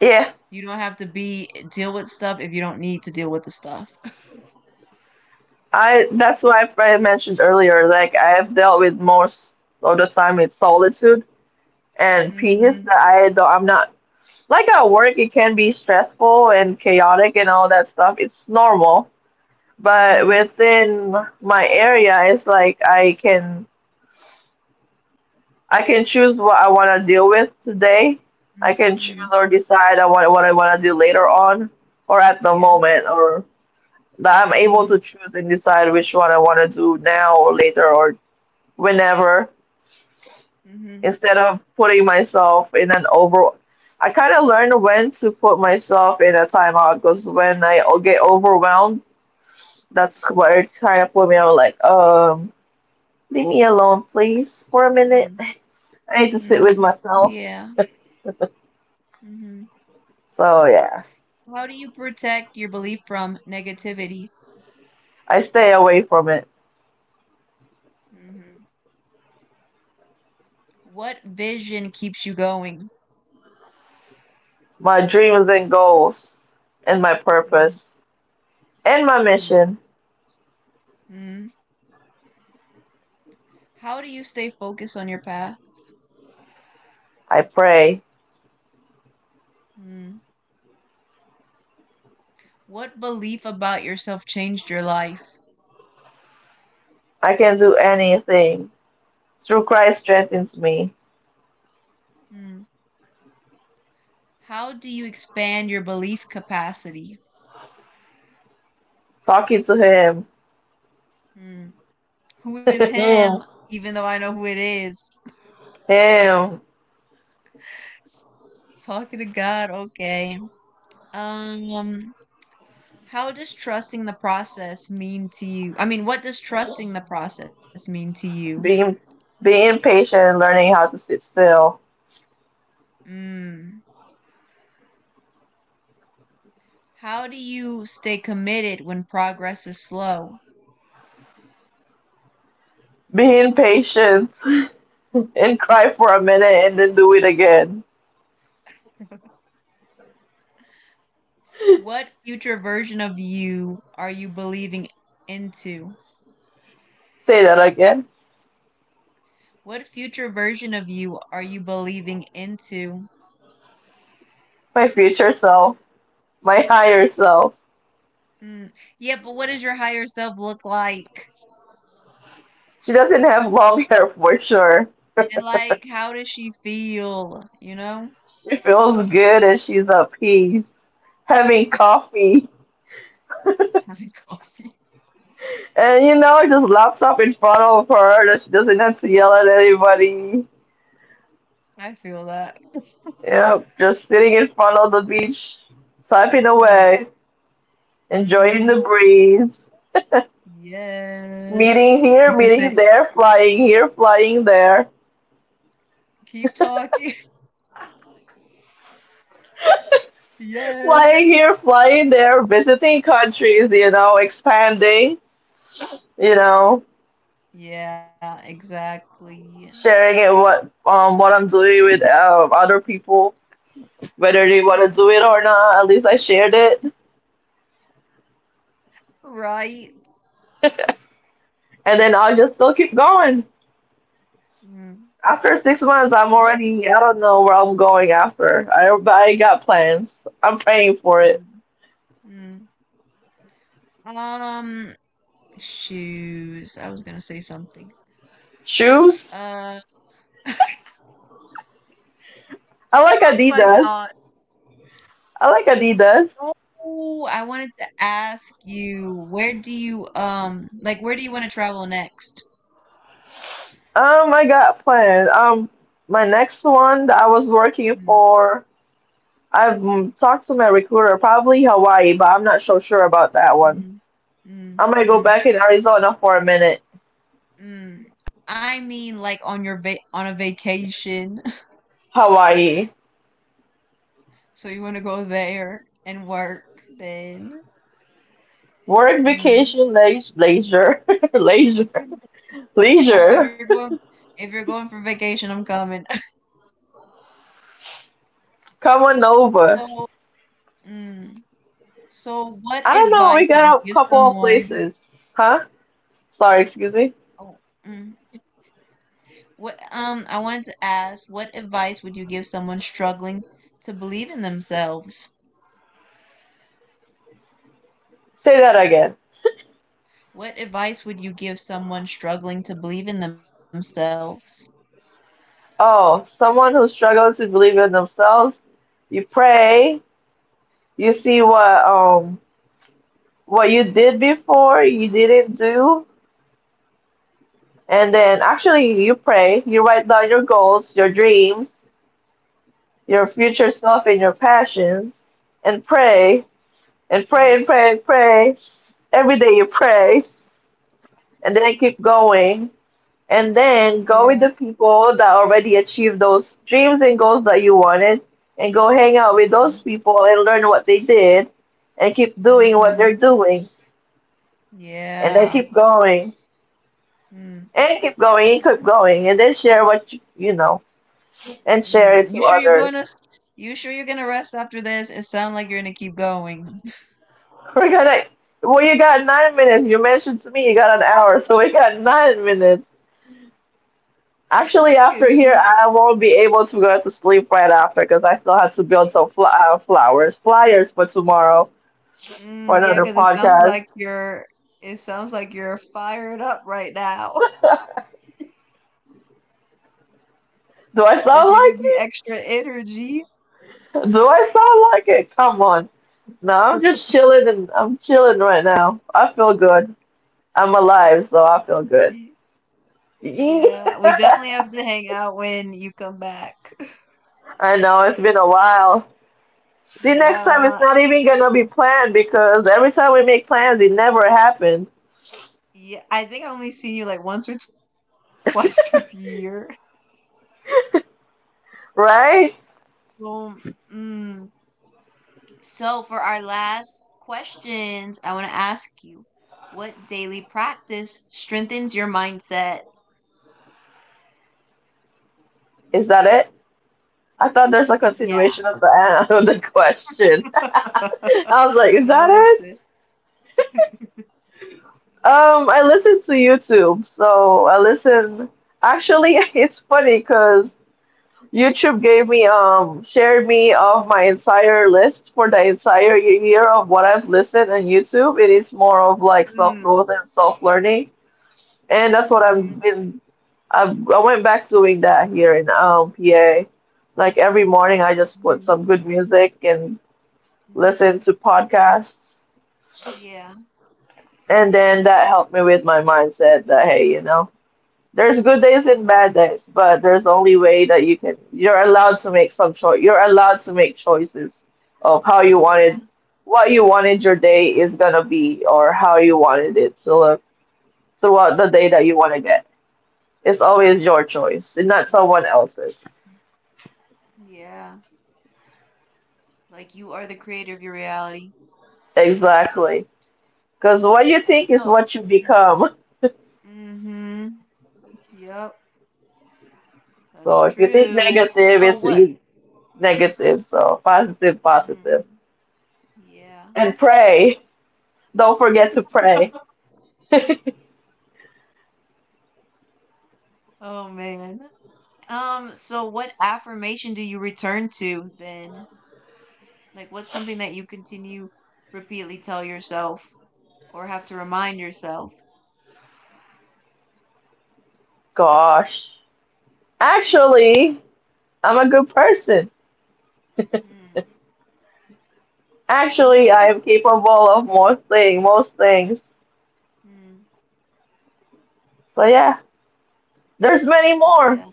Speaker 2: Yeah.
Speaker 1: you don't have to be deal with stuff if you don't need to deal with the stuff.
Speaker 2: I that's why I mentioned earlier, like I have dealt with most of the time with solitude and peace that
Speaker 1: Mhm.
Speaker 2: I don't, I'm not like at work it can be stressful and chaotic and all that stuff. It's normal. But
Speaker 1: Mhm.
Speaker 2: within my area it's like I can choose what I wanna deal with today. I
Speaker 1: Mm,
Speaker 2: can choose or
Speaker 1: mhm.
Speaker 2: decide I want what I wanna do later on or at the
Speaker 1: Yeah.
Speaker 2: moment or that I'm able to
Speaker 1: Mhm.
Speaker 2: choose and decide which one I wanna do now or later or whenever
Speaker 1: Mhm.
Speaker 2: instead of putting myself in an over I kind of learned when to put myself in a timeout because when get overwhelmed, that's where it kind of put me out like, leave me alone, please,
Speaker 1: Mm,
Speaker 2: for a minute. I
Speaker 1: mhm.
Speaker 2: need to sit with
Speaker 1: Yeah.
Speaker 2: myself.
Speaker 1: Mhm.
Speaker 2: So, yeah,
Speaker 1: How do you protect your belief from negativity?
Speaker 2: I stay away from it.
Speaker 1: Mhm. What vision keeps you going?
Speaker 2: My dreams and goals, and my purpose,
Speaker 1: Mm,
Speaker 2: and my mission.
Speaker 1: mm, mm. How do you stay focused on your path?
Speaker 2: I pray.
Speaker 1: Mm. What belief about yourself changed your life?
Speaker 2: I can do anything through Christ strengthens me.
Speaker 1: Mm. How do you expand your belief capacity?
Speaker 2: Talking to
Speaker 1: Mm. Who is
Speaker 2: Him.
Speaker 1: him? Even though I know who it is.
Speaker 2: Damn,
Speaker 1: Talking to God, okay. Um, how does trusting the process mean to you? I mean, what does trusting the process mean to you?
Speaker 2: being being patient and learning how to sit still.
Speaker 1: Mm. How do you stay committed when progress is slow?
Speaker 2: Being patient and cry for a minute and then do it again.
Speaker 1: What future version of you are you believing into?
Speaker 2: Say that again.
Speaker 1: What future version of you are you believing into?
Speaker 2: My future self, my higher self.
Speaker 1: Mm. Yeah, but what does your higher self look like?
Speaker 2: She doesn't have long hair for sure.
Speaker 1: And like, how does she feel? You know,
Speaker 2: She feels good and she's at peace, having coffee,
Speaker 1: having coffee.
Speaker 2: and you know, just laptop in front of her that she doesn't have to yell at anybody.
Speaker 1: I feel that.
Speaker 2: Yep, just sitting in front of the beach, typing
Speaker 1: Mm.
Speaker 2: away.
Speaker 1: Hmm.
Speaker 2: Enjoying the breeze,
Speaker 1: Yes.
Speaker 2: meeting
Speaker 1: You
Speaker 2: here,
Speaker 1: can say,
Speaker 2: meeting there, flying here, flying there,
Speaker 1: keep talking. Yes.
Speaker 2: flying here, flying there, visiting countries, you know, expanding, you know,
Speaker 1: Yeah, exactly.
Speaker 2: sharing it what I'm doing with other people, whether they
Speaker 1: Mm.
Speaker 2: want to do it or not. At least I shared it,
Speaker 1: Right.
Speaker 2: and then I'll just still keep going.
Speaker 1: Mm.
Speaker 2: After 6 months, I'm
Speaker 1: What's
Speaker 2: already I don't know where I'm going after. I but I got plans. I'm praying for it.
Speaker 1: mm, mm. Um, shoes. I was gonna say something.
Speaker 2: Shoes.
Speaker 1: Uh, I
Speaker 2: I like
Speaker 1: Lost my thought.
Speaker 2: Adidas. I like Adidas.
Speaker 1: Oh, I wanted to ask you, where do you where do you want to travel next?
Speaker 2: I got planned. My next one that I was working
Speaker 1: Mm,
Speaker 2: for, I've talked to my recruiter, probably Hawaii, but I'm not so sure about that one.
Speaker 1: mm,
Speaker 2: I
Speaker 1: mm,
Speaker 2: might go back
Speaker 1: mm,
Speaker 2: in Arizona for a minute.
Speaker 1: mm. I mean, like on your va on a vacation.
Speaker 2: Hawaii.
Speaker 1: So you want to go there and work then?
Speaker 2: Work
Speaker 1: Mm.
Speaker 2: vacation, leisure, leisure,
Speaker 1: Well,
Speaker 2: leisure.
Speaker 1: if you're going, if you're going for vacation, I'm coming.
Speaker 2: Come on over.
Speaker 1: So, mm, so what
Speaker 2: I don't know.
Speaker 1: advice
Speaker 2: We
Speaker 1: would you
Speaker 2: got a
Speaker 1: give
Speaker 2: couple of
Speaker 1: someone?
Speaker 2: places. Huh? Sorry, excuse me.
Speaker 1: Oh, mm, what I wanted to ask, what advice would you give someone struggling to believe in themselves?
Speaker 2: Say that again.
Speaker 1: What advice would you give someone struggling to believe in themselves?
Speaker 2: Oh, someone who struggles to believe in themselves. You pray, you see what you did before you didn't do, and then actually you pray, you write down your goals, your dreams, your future self, and your passions, and pray and pray
Speaker 1: Mm.
Speaker 2: and pray and pray every day. You pray, and then keep going, and then
Speaker 1: Yeah.
Speaker 2: go with the people that already achieved those dreams and goals that you wanted, and go hang out with those people and learn what they did, and keep doing what
Speaker 1: Mm-hmm.
Speaker 2: they're doing, and then
Speaker 1: Yeah.
Speaker 2: keep going
Speaker 1: Mm.
Speaker 2: and keep going and keep going and then share what you know and
Speaker 1: Mm.
Speaker 2: share it to others.
Speaker 1: You sure you're gonna rest after this? It sounds like you're gonna keep going.
Speaker 2: We're gonna well you got 9 minutes you mentioned to me you got an hour so we got 9 minutes
Speaker 1: Cause
Speaker 2: actually
Speaker 1: she
Speaker 2: after here I won't be able to go to sleep right after because I still have to build some fl- flowers flyers for tomorrow for
Speaker 1: yeah,
Speaker 2: another
Speaker 1: cause it sounds like
Speaker 2: podcast.
Speaker 1: you're fired up right now.
Speaker 2: do
Speaker 1: You're
Speaker 2: i
Speaker 1: giving
Speaker 2: sound
Speaker 1: me
Speaker 2: like it
Speaker 1: extra energy.
Speaker 2: do I sound like it, come on, no I'm just chilling and I'm chilling right now I feel good, I'm alive so I feel good.
Speaker 1: Y-
Speaker 2: Yeah.
Speaker 1: Yeah, we definitely have to hang out when you come back.
Speaker 2: I know it's been a while. See, next time it's
Speaker 1: Yeah,
Speaker 2: not even gonna be planned because every time we make plans, it never happened,
Speaker 1: yeah. I think I only seen you like once or twice this year.
Speaker 2: right?
Speaker 1: Um, mm. So for our last questions, I want to ask you, what daily practice strengthens your mindset?
Speaker 2: Is that it? I thought there's a
Speaker 1: Yeah.
Speaker 2: continuation of the of the question. I was like, is
Speaker 1: No,
Speaker 2: that
Speaker 1: that's
Speaker 2: it?
Speaker 1: it.
Speaker 2: I listen to YouTube, so I listen. Actually, it's funny because. YouTube gave me shared me of my entire list for the entire year of what I've listened on YouTube. It is more of like self
Speaker 1: Mm.
Speaker 2: growth and self learning, and that's what
Speaker 1: Mm-hmm.
Speaker 2: I've been. I went back doing that here in PA. Like every morning, I
Speaker 1: Mm-hmm.
Speaker 2: just put some good music and
Speaker 1: Mm-hmm.
Speaker 2: listen to podcasts,
Speaker 1: Yeah.
Speaker 2: and then that helped me with my mindset. That hey, you know. There's
Speaker 1: Mhm,
Speaker 2: good days and bad days, but there's only way that you can. You're allowed to make some choice. You're allowed to make choices of how you
Speaker 1: yeah.
Speaker 2: wanted, what you wanted your day is gonna be, or how you wanted it to look throughout the day
Speaker 1: Mhm,
Speaker 2: that you want to get. It's always your
Speaker 1: mhm,
Speaker 2: choice, and not someone
Speaker 1: mhm.
Speaker 2: else's.
Speaker 1: Yeah, like you are the creator of your reality.
Speaker 2: Exactly, because what you think
Speaker 1: So,
Speaker 2: is what you become.
Speaker 1: mm-hmm. Yep, that's
Speaker 2: So if you
Speaker 1: true.
Speaker 2: think
Speaker 1: So
Speaker 2: negative,
Speaker 1: what?
Speaker 2: negative. So positive,
Speaker 1: Mm,
Speaker 2: positive,
Speaker 1: yeah.
Speaker 2: and pray. Don't forget to pray.
Speaker 1: Oh man. So what affirmation do you return to then? Like what's something that you continue repeatedly tell yourself or have to remind yourself?
Speaker 2: Gosh. Actually, I'm a good person.
Speaker 1: Hmm, you are
Speaker 2: Actually,
Speaker 1: a
Speaker 2: I
Speaker 1: good
Speaker 2: am
Speaker 1: person.
Speaker 2: capable of most things.
Speaker 1: Hmm,
Speaker 2: So yeah, there's
Speaker 1: yeah.
Speaker 2: many more,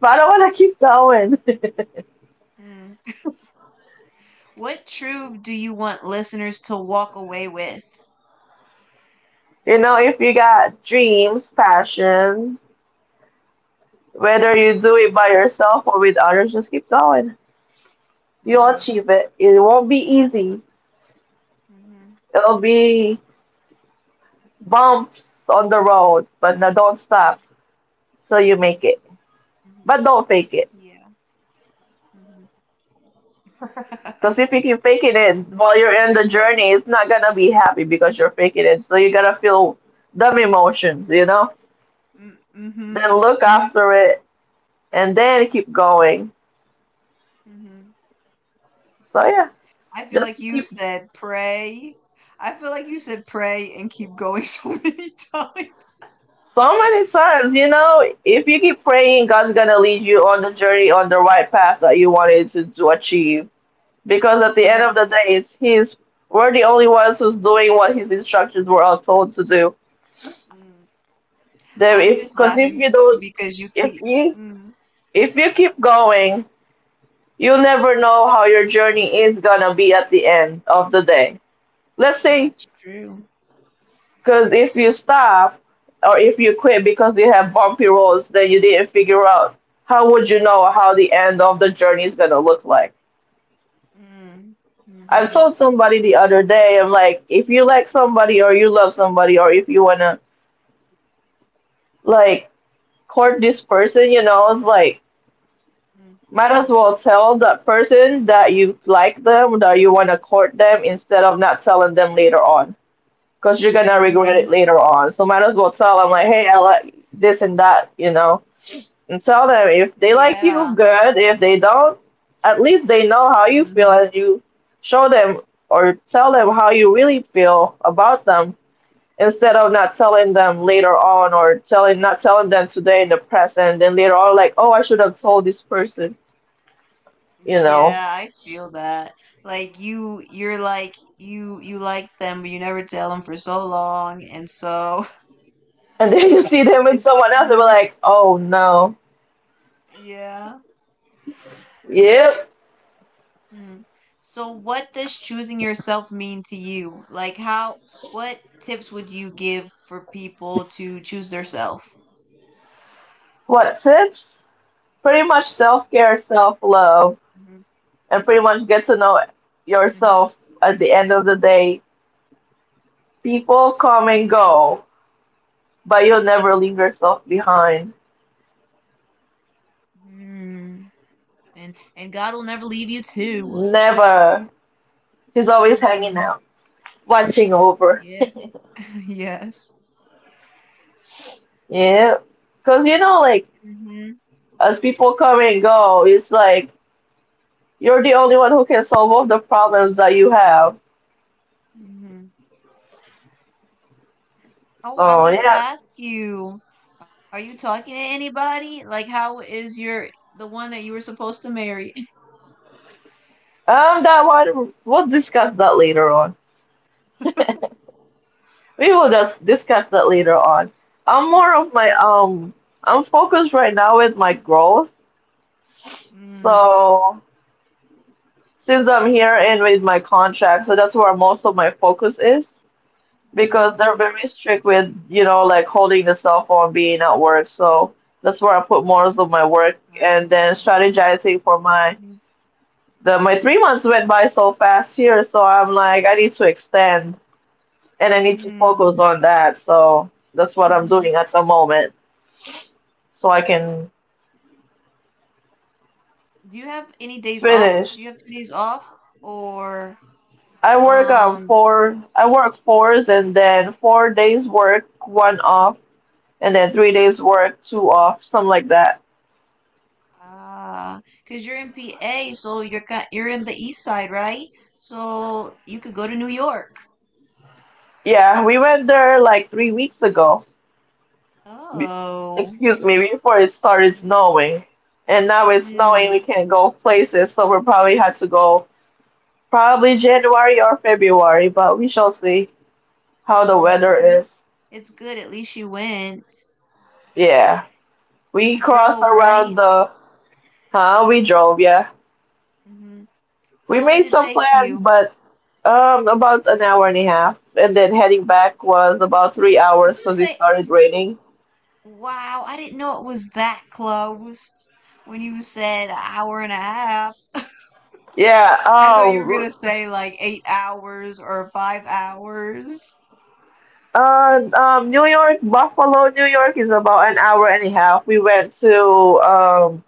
Speaker 2: but I don't want to keep going.
Speaker 1: Hmm. What truth do you want listeners to walk away with?
Speaker 2: you know, if you got dreams, passions, whether you do it by yourself or with others, just keep going.
Speaker 1: Mm-hmm.
Speaker 2: You'll achieve it. It won't be easy.
Speaker 1: Mm-hmm.
Speaker 2: It'll be bumps on the road, but no, don't stop
Speaker 1: Mm-hmm.
Speaker 2: till you
Speaker 1: Yeah.
Speaker 2: make it. But don't fake
Speaker 1: Mhm.
Speaker 2: it. Because if you keep faking
Speaker 1: There's
Speaker 2: it
Speaker 1: no.
Speaker 2: while you're in the journey, it's not gonna be happy because you're faking it. So you gotta feel dumb emotions, you know?
Speaker 1: Mm-hmm.
Speaker 2: Then look after it and then keep going.
Speaker 1: Mm-hmm.
Speaker 2: So yeah,
Speaker 1: I feel like
Speaker 2: just
Speaker 1: you
Speaker 2: keep
Speaker 1: said pray. I feel like you said pray and keep going so many times.
Speaker 2: so many times, you know, if you keep praying, God's gonna lead you on the journey on the right path that you wanted to achieve. Because at
Speaker 1: Yeah.
Speaker 2: the end of the day, it's His. We're the only ones who's doing what His instructions were all told to do.
Speaker 1: Mm.
Speaker 2: There,
Speaker 1: I'm
Speaker 2: if
Speaker 1: just
Speaker 2: because if
Speaker 1: laughing
Speaker 2: you
Speaker 1: because
Speaker 2: don't,
Speaker 1: you keep.
Speaker 2: if
Speaker 1: Mm.
Speaker 2: you if you keep going, you never know how your journey is gonna be at the end of the day. Let's say,
Speaker 1: That's true.
Speaker 2: because if you stop or if you quit because you have bumpy roads that you didn't figure out, how would you know how the end of the journey is gonna look like?
Speaker 1: Mm. Mm-hmm.
Speaker 2: I told somebody the other day, I'm like, if you like somebody or you love somebody or if you wanna like court this person, you know, it's like
Speaker 1: Mm. Mm.
Speaker 2: might as well tell that person that you like them, that you wanna court them instead of not telling them later on because you're gonna
Speaker 1: Mm-hmm.
Speaker 2: regret it later on. So might as well tell them
Speaker 1: Yep.
Speaker 2: like, hey, I like this and that, you know, and tell them if
Speaker 1: Yeah.
Speaker 2: they like you, good. If they don't, at least they know how you
Speaker 1: Mm-hmm.
Speaker 2: feel, and you show them or tell them how you really feel about them instead of not telling them later on or telling not telling them today in the present, then later on like, oh, I should have told this person, you
Speaker 1: Yeah,
Speaker 2: know.
Speaker 1: I feel that. Like you like them but you never tell them for so long and so
Speaker 2: And then you see them with
Speaker 1: it's
Speaker 2: someone else and be
Speaker 1: mm,
Speaker 2: like, oh no,
Speaker 1: yeah.
Speaker 2: yep,
Speaker 1: Mm. So what does choosing yourself mean to you? Like how, what tips would you give for people to choose their self?
Speaker 2: what tips? Pretty much self
Speaker 1: Mhm,
Speaker 2: care, self love, and pretty much get to know
Speaker 1: mhm,
Speaker 2: yourself at the end of the day. People come and
Speaker 1: mhm.
Speaker 2: go, but you'll never leave yourself behind.
Speaker 1: Mm. And God will never leave you too.
Speaker 2: Never. He's always
Speaker 1: Hmm.
Speaker 2: hanging out, watching over.
Speaker 1: Yeah. Yes.
Speaker 2: Yeah. Because, you know, like,
Speaker 1: Hmm.
Speaker 2: as people come and go, it's like you're the only one who can solve all the problems that you have.
Speaker 1: Hmm.
Speaker 2: So,
Speaker 1: Oh, I
Speaker 2: yeah.
Speaker 1: wanted to ask you, are you talking to anybody? Like, how is your, the one that you were supposed to marry?
Speaker 2: That one, we'll discuss that later on. We will just discuss that later on. I'm more of my I'm focused right now with my growth.
Speaker 1: Mm.
Speaker 2: So since I'm here and with my contract, so that's where most of my focus is because they're
Speaker 1: Mm-hmm.
Speaker 2: very strict with, you know, like holding the cell phone being at work. So that's where I put more of
Speaker 1: Um,
Speaker 2: my work and then strategizing
Speaker 1: mm,
Speaker 2: for my 3 months went by so fast here, so I'm like I need to extend and I need to
Speaker 1: mm,
Speaker 2: focus on that. So that's what I'm doing
Speaker 1: mhm,
Speaker 2: at the moment. So I
Speaker 1: mm.
Speaker 2: can
Speaker 1: Do you have any days off? Do you
Speaker 2: finish.
Speaker 1: have 2 days off? Or um
Speaker 2: I work fours and then 4 days work, one off, and then 3 days work, two off, something like that.
Speaker 1: ah, because you're in PA, so you're in the east side, right? So you could go to New York.
Speaker 2: Yeah, we went there like 3 weeks ago. Be-
Speaker 1: Oh.
Speaker 2: Excuse me, before it started snowing. And now it's snowing,
Speaker 1: Mm-hmm.
Speaker 2: we can't go places, so we probably had to go probably January or February, but we shall see how the
Speaker 1: Mm,
Speaker 2: weather
Speaker 1: at least
Speaker 2: is.
Speaker 1: it's good. At least you went.
Speaker 2: Yeah, we
Speaker 1: You
Speaker 2: crossed
Speaker 1: drove,
Speaker 2: around
Speaker 1: right?
Speaker 2: the, huh? We drove, yeah.
Speaker 1: Hmm.
Speaker 2: We
Speaker 1: How long
Speaker 2: made
Speaker 1: did it
Speaker 2: some
Speaker 1: take
Speaker 2: plans,
Speaker 1: you?
Speaker 2: but about an hour and a half, and then heading back was about three
Speaker 1: Did
Speaker 2: hours
Speaker 1: you
Speaker 2: because it
Speaker 1: say,
Speaker 2: started raining.
Speaker 1: wow, I didn't know it was that close when you said an hour and a half?
Speaker 2: Yeah.
Speaker 1: I thought you were gonna say like 8 hours or 5 hours.
Speaker 2: New York, Buffalo, New York is about an hour and a half. We went to um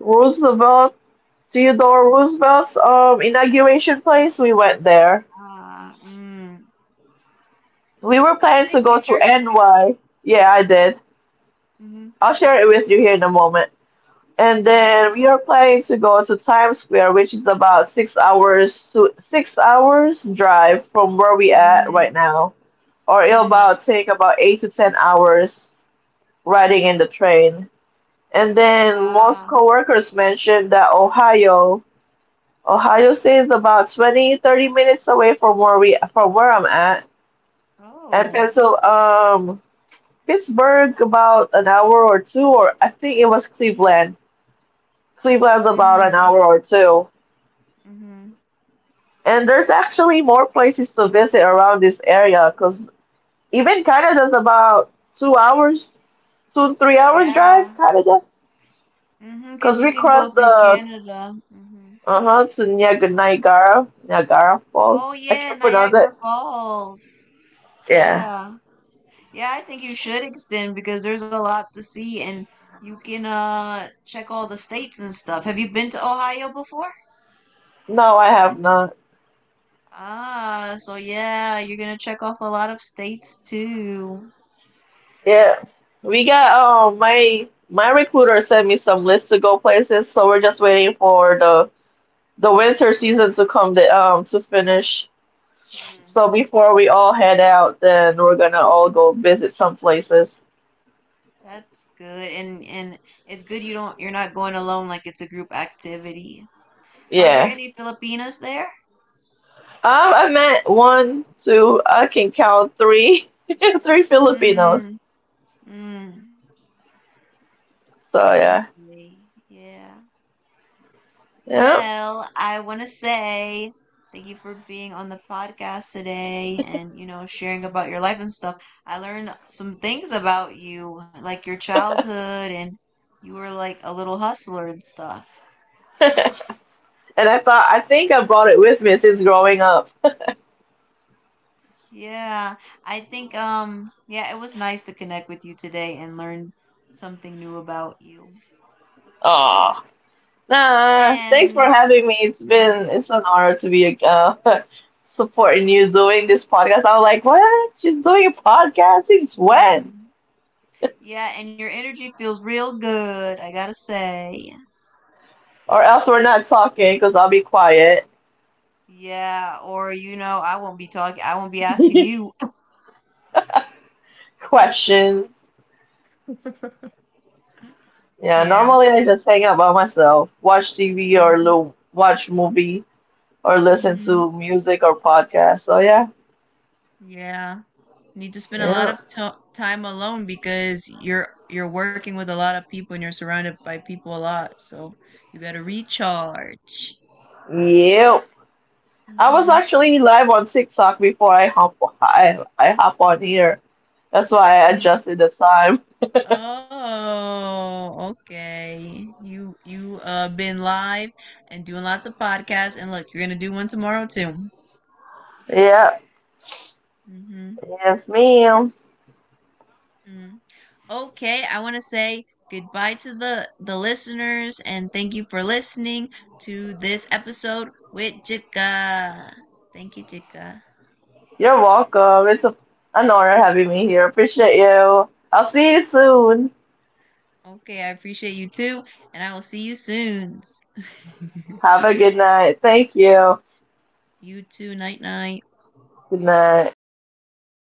Speaker 2: Roosevelt, Theodore Roosevelt's inauguration place. We went there.
Speaker 1: Ah, mm.
Speaker 2: We were
Speaker 1: Did you
Speaker 2: planning to
Speaker 1: take
Speaker 2: go to
Speaker 1: pictures?
Speaker 2: NY. Yeah, I did.
Speaker 1: Mm-hmm.
Speaker 2: I'll share it with you here in a moment. And
Speaker 1: Yeah.
Speaker 2: then we are planning to go to Times Square, which is about 6 hours drive from where we at right
Speaker 1: Mm,
Speaker 2: now, or it'll about
Speaker 1: mm.
Speaker 2: take about 8 to 10 hours riding in the train. And then most
Speaker 1: Ah,
Speaker 2: coworkers mentioned that Ohio State is about 20, 30 minutes away from where we from where I'm at, and
Speaker 1: oh.
Speaker 2: Pittsburgh about an hour or two, or I think it was Cleveland. Cleveland's about an
Speaker 1: Mm,
Speaker 2: hour or two.
Speaker 1: mm-hmm.
Speaker 2: And there's actually more places to visit around this area because even Canada's about two, 3 hours
Speaker 1: Yeah.
Speaker 2: drive, Canada.
Speaker 1: Mm-hmm, because
Speaker 2: Because
Speaker 1: you
Speaker 2: we
Speaker 1: can go
Speaker 2: crossed
Speaker 1: through
Speaker 2: the,
Speaker 1: Canada. Mm-hmm.
Speaker 2: uh-huh, to Niagara, Niagara
Speaker 1: Oh
Speaker 2: Falls. I
Speaker 1: yeah,
Speaker 2: can't pronounce
Speaker 1: Niagara
Speaker 2: it.
Speaker 1: Falls.
Speaker 2: Yeah.
Speaker 1: Yeah. Yeah, I think you should extend because there's a lot to see and you can check all the states and stuff. Have you been to Ohio before?
Speaker 2: No, I have not.
Speaker 1: Ah, so yeah, you're gonna check off a lot of states too.
Speaker 2: Yeah. We got,
Speaker 1: Mhm.
Speaker 2: my recruiter sent me some list to go places, so we're just waiting for the winter season to come the to finish.
Speaker 1: Hmm.
Speaker 2: So before we all head out, then we're gonna all go visit some places.
Speaker 1: That's good. And it's good you're not going alone, like it's a group activity. Are there
Speaker 2: Yeah.
Speaker 1: any Filipinas there?
Speaker 2: I met one, two. I can count three, three Filipinos.
Speaker 1: Mm, mm.
Speaker 2: So yeah,
Speaker 1: Okay, yeah.
Speaker 2: yeah.
Speaker 1: Well, I want to say thank you for being on the podcast today and, you know, sharing about your life and stuff. I learned some things about you, like your childhood and you were like a little hustler and stuff.
Speaker 2: and I thought I think I brought it with me since growing up.
Speaker 1: Yeah, I think yeah, it was nice to connect with you today and learn something new about you.
Speaker 2: Oh. Nah, thanks for
Speaker 1: And
Speaker 2: having me.
Speaker 1: mm,
Speaker 2: It's an honor to be supporting you doing this podcast. I was like, what? She's doing a podcast since when?
Speaker 1: mm, yeah, and your energy feels real good, I gotta say.
Speaker 2: Or else we're not talking because I'll be quiet.
Speaker 1: Yeah, or you know, I won't be talking. I won't be asking you.
Speaker 2: Questions. Yeah,
Speaker 1: Yeah.
Speaker 2: normally I just hang out by myself, watch TV or
Speaker 1: Hmm.
Speaker 2: watch movie or listen
Speaker 1: Hmm.
Speaker 2: to music or podcast. So yeah,
Speaker 1: Yeah. Need to spend a lot
Speaker 2: yeah,
Speaker 1: of time alone because you're working with a lot of people and you're surrounded by people a lot. So you got to recharge.
Speaker 2: yep. I was
Speaker 1: Mm-hmm.
Speaker 2: actually live on TikTok before I hop on here. That's why I
Speaker 1: Mm.
Speaker 2: adjusted the time.
Speaker 1: Oh, okay. You been live and doing lots of podcasts and look, you're gonna do one tomorrow too.
Speaker 2: Yeah,
Speaker 1: Mm-hmm.
Speaker 2: yes, ma'am.
Speaker 1: Mm. Okay, I want to say goodbye to the listeners and thank you for listening to this episode with Jika. Thank you, Jika.
Speaker 2: You're welcome. An honor having me here. Appreciate you. I'll see you soon.
Speaker 1: Okay, I appreciate you too, and I will see you soon.
Speaker 2: Have a good night. Thank you.
Speaker 1: You too, night night.
Speaker 2: Good night.